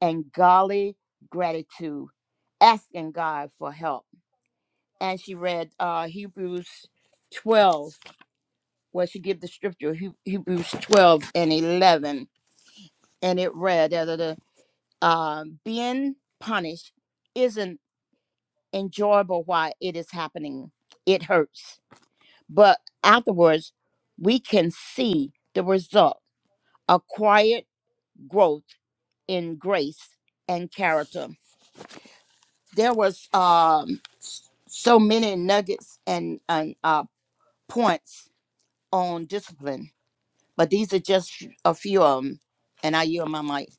and golly gratitude, asking God for help. And she read uh, Hebrews 12, where she gave the scripture, He- Hebrews 12 and 11. And it read, da, da, da, uh, being punished isn't enjoyable while it is happening. It hurts. But afterwards, we can see the result, a quiet growth in grace and character. there was um so many nuggets and and uh points on discipline but these are just a few of them and i yield my mic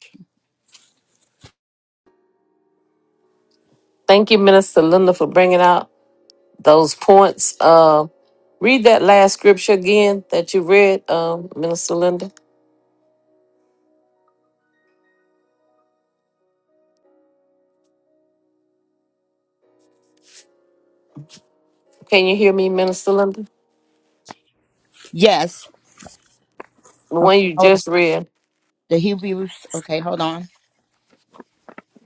Thank you, Minister Linda, for bringing out those points. Uh, read that last scripture again that you read, um, Minister Linda. Can you hear me, Minister Linda? yes The okay one you hold on just read. the hebrews okay hold on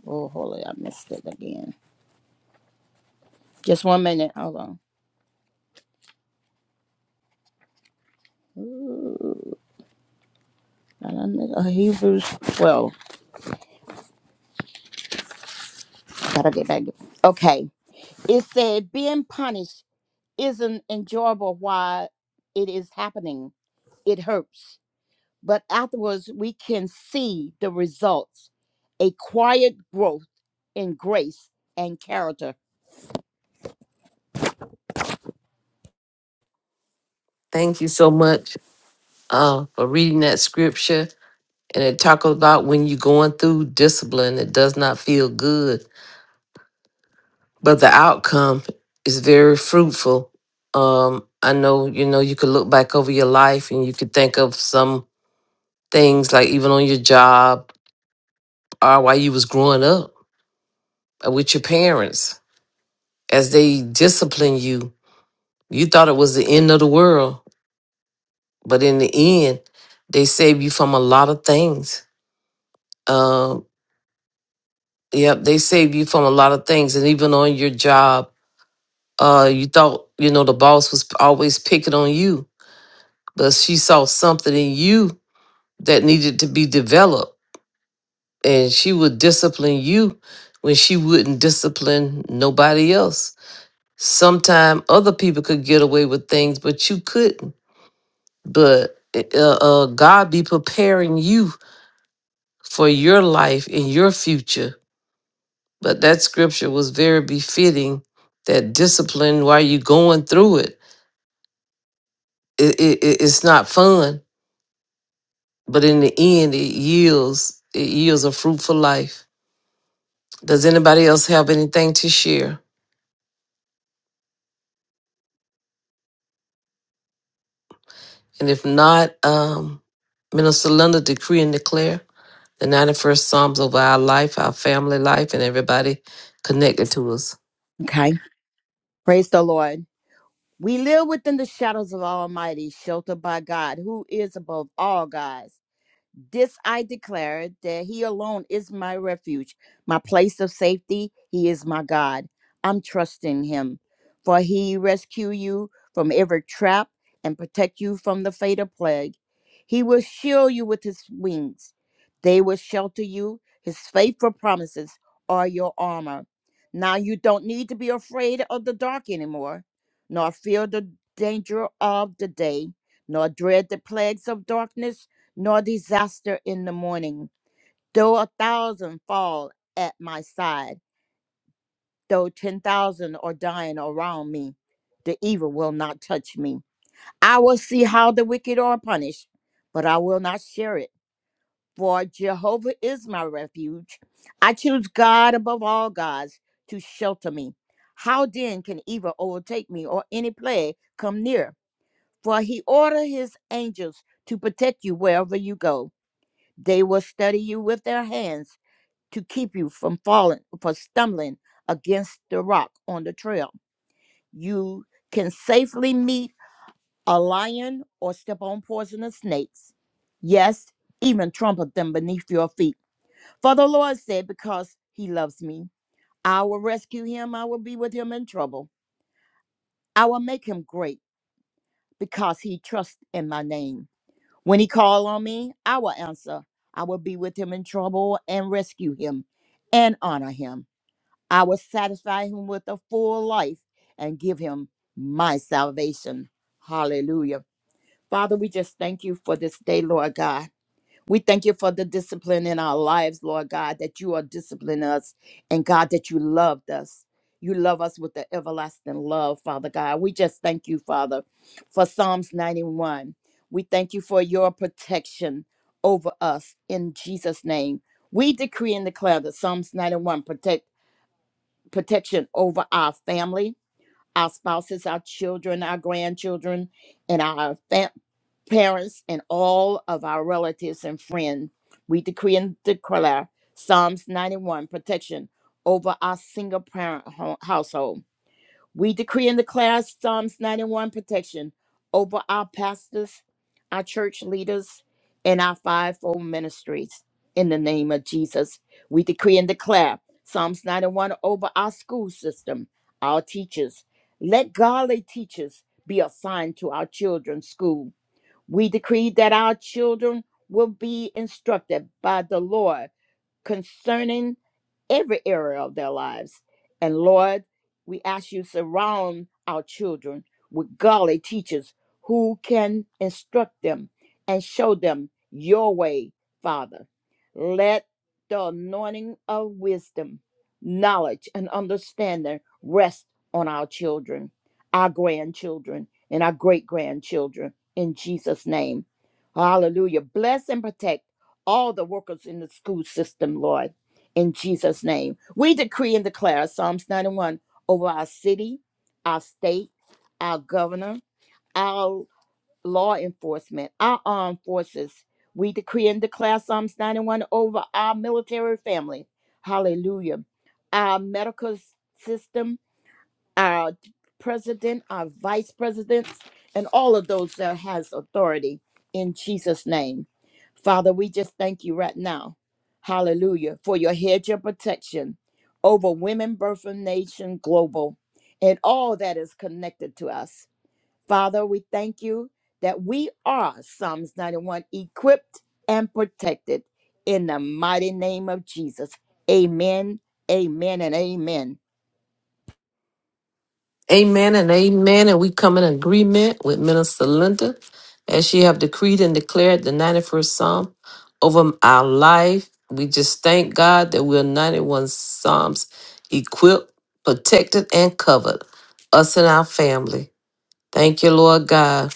oh holy i missed it again just one minute hold on Ooh, and I missed- uh, hebrews 12 gotta get back okay it said being punished isn't enjoyable while it is happening it hurts but afterwards we can see the results a quiet growth in grace and character. Thank you so much uh, for reading that scripture. And it talks about when you're going through discipline, it does not feel good, but the outcome is very fruitful. Um, I know, you know, you could look back over your life and you could think of some things like even on your job or while you was growing up uh, with your parents as they disciplined you you thought it was the end of the world but in the end they saved you from a lot of things um yep they saved you from a lot of things and even on your job uh you thought you know the boss was always picking on you but she saw something in you that needed to be developed and she would discipline you when she wouldn't discipline nobody else Sometime other people could get away with things, but you couldn't. But eh, uh, uh, God be preparing you for your life and your future. But that scripture was very befitting that discipline while you're going through it. It, it, it- It's not fun, but in the end, it yields it yields a fruitful life. Does anybody else have anything to share? And if not, um, Minister Linda, decree and declare. the 91st Psalms over our life, our family life, and everybody connected to us. Okay. Praise the Lord. We live within the shadows of Almighty, sheltered by God, who is above all gods. This I declare that he alone is my refuge, my place of safety. He is my God. I'm trusting him, for he rescue you from every trap and protect you from the fatal plague. He will shield you with his wings. They will shelter you. His faithful promises are your armor. Now you don't need to be afraid of the dark anymore, nor fear the danger of the day, nor dread the plagues of darkness nor disaster in the morning. Though a thousand fall at my side, though 10,000 are dying around me, the evil will not touch me. I will see how the wicked are punished, but I will not share it. For Jehovah is my refuge. I choose God above all gods to shelter me. How then can evil overtake me or any plague come near? For he ordered his angels to protect you wherever you go. They will steady you with their hands to keep you from falling, for stumbling against the rock on the trail. You can safely meet a lion or step on poisonous snakes. Yes, even trample them beneath your feet. For the Lord said, Because he loves me, I will rescue him. I will be with him in trouble. I will make him great because he trusts in my name. When he call on me, I will answer. I will be with him in trouble and rescue him and honor him. I will satisfy him with a full life and give him my salvation. Hallelujah. Father, we just thank you for this day, Lord God. We thank you for the discipline in our lives, Lord God, that you are disciplining us and God, that you loved us. You love us with the everlasting love, Father God. We just thank you, Father, for Psalms 91. We thank you for your protection over us in Jesus' name. We decree and declare that Psalms 91 protect protection over our family, our spouses, our children, our grandchildren, and our fam- parents, and all of our relatives and friends. We decree and declare Psalms 91 protection over our single parent ho- household. We decree and declare Psalms 91 protection over our pastors, our church leaders, and our fivefold ministries. In the name of Jesus, we decree and declare Psalms 91 over our school system, our teachers. Let godly teachers be assigned to our children's schools we decree that our children will be instructed by the Lord concerning every area of their lives. And Lord, we ask you surround our children with godly teachers who can instruct them and show them your way, Father. Let the anointing of wisdom, knowledge, and understanding rest on our children, our grandchildren, and our great grandchildren in Jesus' name. Hallelujah. Bless and protect all the workers in the school system, Lord, in Jesus' name. We decree and declare Psalms 91 over our city, our state, our governor, our law enforcement, our armed forces. We decree and declare Psalms 91 over our military family. Hallelujah. Our medical s- system, our president, our vice presidents, and all of those that has authority in Jesus' name. Father, we just thank you right now. Hallelujah. For your hedge of protection over women, birth, and nation global, and all that is connected to us. Father, we thank you that we are Psalms 91 equipped and protected in the mighty name of Jesus. Amen, amen, and amen. Amen and amen. And we come in agreement with Minister Linda as she have decreed and declared the 91st Psalm over our life. We just thank God that we're 91 Psalms equipped, protected, and covered, us and our family. Thank you, Lord God.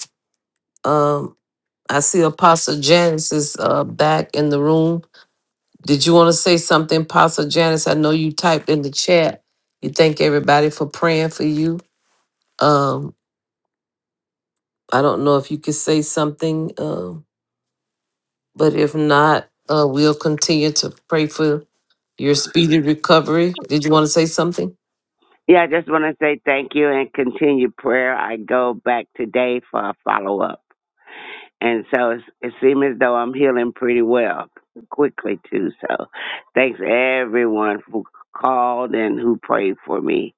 Um, I see Apostle Janice is uh, back in the room. Did you want to say something, Pastor Janice? I know you typed in the chat. You thank everybody for praying for you. Um, I don't know if you could say something, um, but if not, uh, we'll continue to pray for your speedy recovery. Did you want to say something? Yeah, I just want to say thank you and continue prayer. I go back today for a follow up. And so it's, it seems as though I'm healing pretty well quickly, too. So thanks everyone who called and who prayed for me.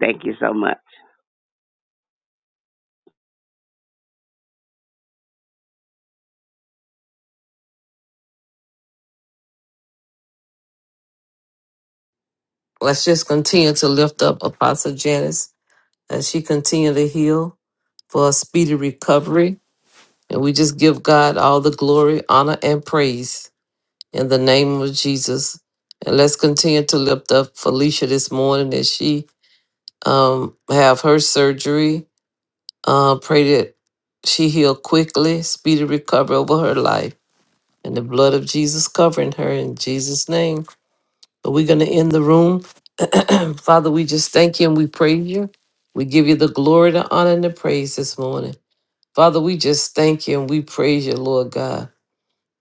Thank you so much. Let's just continue to lift up Apostle Janice as she continue to heal for a speedy recovery. And we just give God all the glory, honor, and praise. in the name of Jesus. And let's continue to lift up Felicia this morning as she um, have her surgery. Uh, pray that she heal quickly, speedy recovery over her life, and the blood of Jesus covering her in Jesus' name. But we're going to end the room. Father, we just thank you and we praise you. We give you the glory, the honor, and the praise this morning. Father, we just thank you and we praise you, Lord God.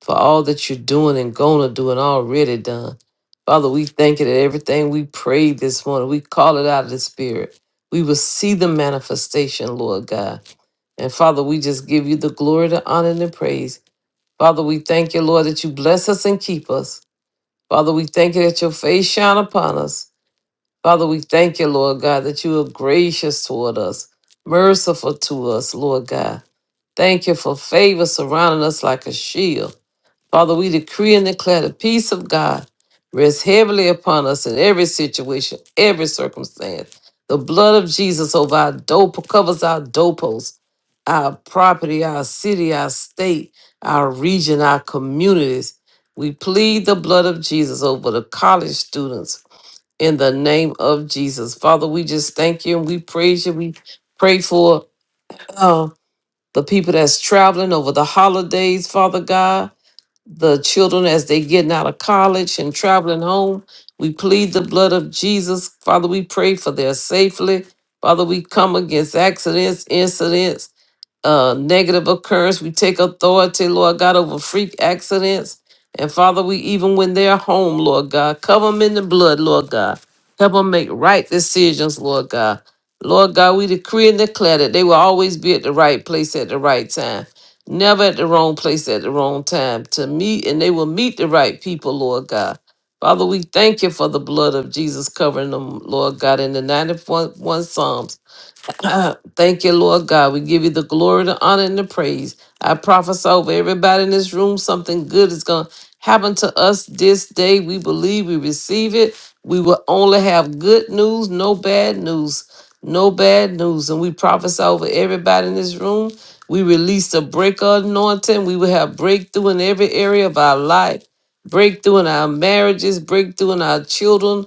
for all that you're doing and going to do and already done. Father, we thank you that everything we prayed this morning, we call it out of the Spirit. We will see the manifestation, Lord God. And Father, we just give you the glory, the honor, and the praise. Father, we thank you, Lord, that you bless us and keep us. Father, we thank you that your face shine upon us. Father, we thank you, Lord God, that you are gracious toward us, merciful to us, Lord God. Thank you for favor surrounding us like a shield. Father, we decree and declare the peace of God rests heavily upon us in every situation, every circumstance. The blood of Jesus over our door covers our doorposts, our property, our city, our state, our region, our communities. We plead the blood of Jesus over the college students in the name of Jesus. Father, we just thank you and we praise you. We pray for uh, the people that's traveling over the holidays, Father God the children as they getting out of college and traveling home. We plead the blood of Jesus. Father, we pray for their safely. Father, we come against accidents, incidents uh, negative occurrence, We take authority, Lord God, over freak accidents. And Father, we even when they're home, Lord God, cover them in the blood, Lord God. Help them make right decisions, Lord God. Lord God, we decree and declare that they will always be at the right place at the right time, never at the wrong place at the wrong time to meet, and they will meet the right people, Lord God. Father, we thank you for the blood of Jesus covering them, Lord God, in the 91 Psalms. Uh, Thank you, Lord God. We give you the glory, the honor, and the praise. I prophesy over everybody in this room something good is going to happen to us this day. We believe we receive it. We will only have good news, no bad news. No bad news. And we prophesy over everybody in this room. We release the break anointing. We will have breakthrough in every area of our life breakthrough in our marriages, breakthrough in our children,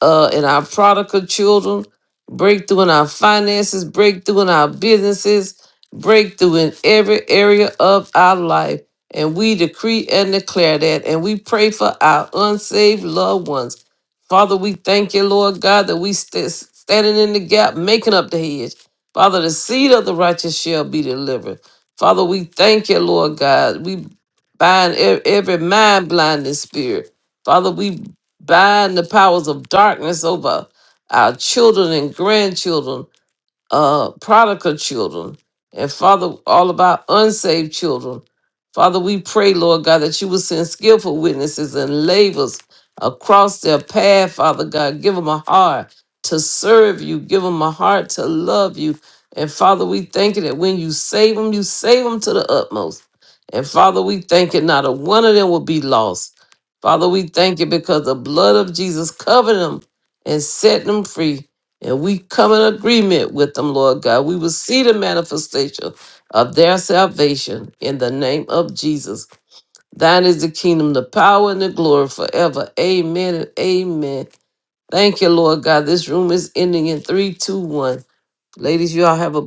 uh, in our prodigal children breakthrough in our finances, breakthrough in our businesses, breakthrough in every area of our life. And we decree and declare that. And we pray for our unsaved loved ones. Father, we thank you, Lord God, that we st- standing in the gap, making up the hedge. Father, the seed of the righteous shall be delivered. Father, we thank you, Lord God. We bind e- every mind blinding spirit. Father, we bind the powers of darkness over our children and grandchildren uh prodigal children and father all about unsaved children father we pray lord god that you will send skillful witnesses and laborers across their path father god give them a heart to serve you give them a heart to love you and father we thank you that when you save them you save them to the utmost and father we thank you not a one of them will be lost father we thank you because the blood of jesus covered them and set them free and we come in agreement with them, Lord God. We will see the manifestation of their salvation in the name of Jesus. Thine is the kingdom, the power, and the glory forever. Amen and amen. Thank you, Lord God. This room is ending in 321. Ladies, you all have a blessed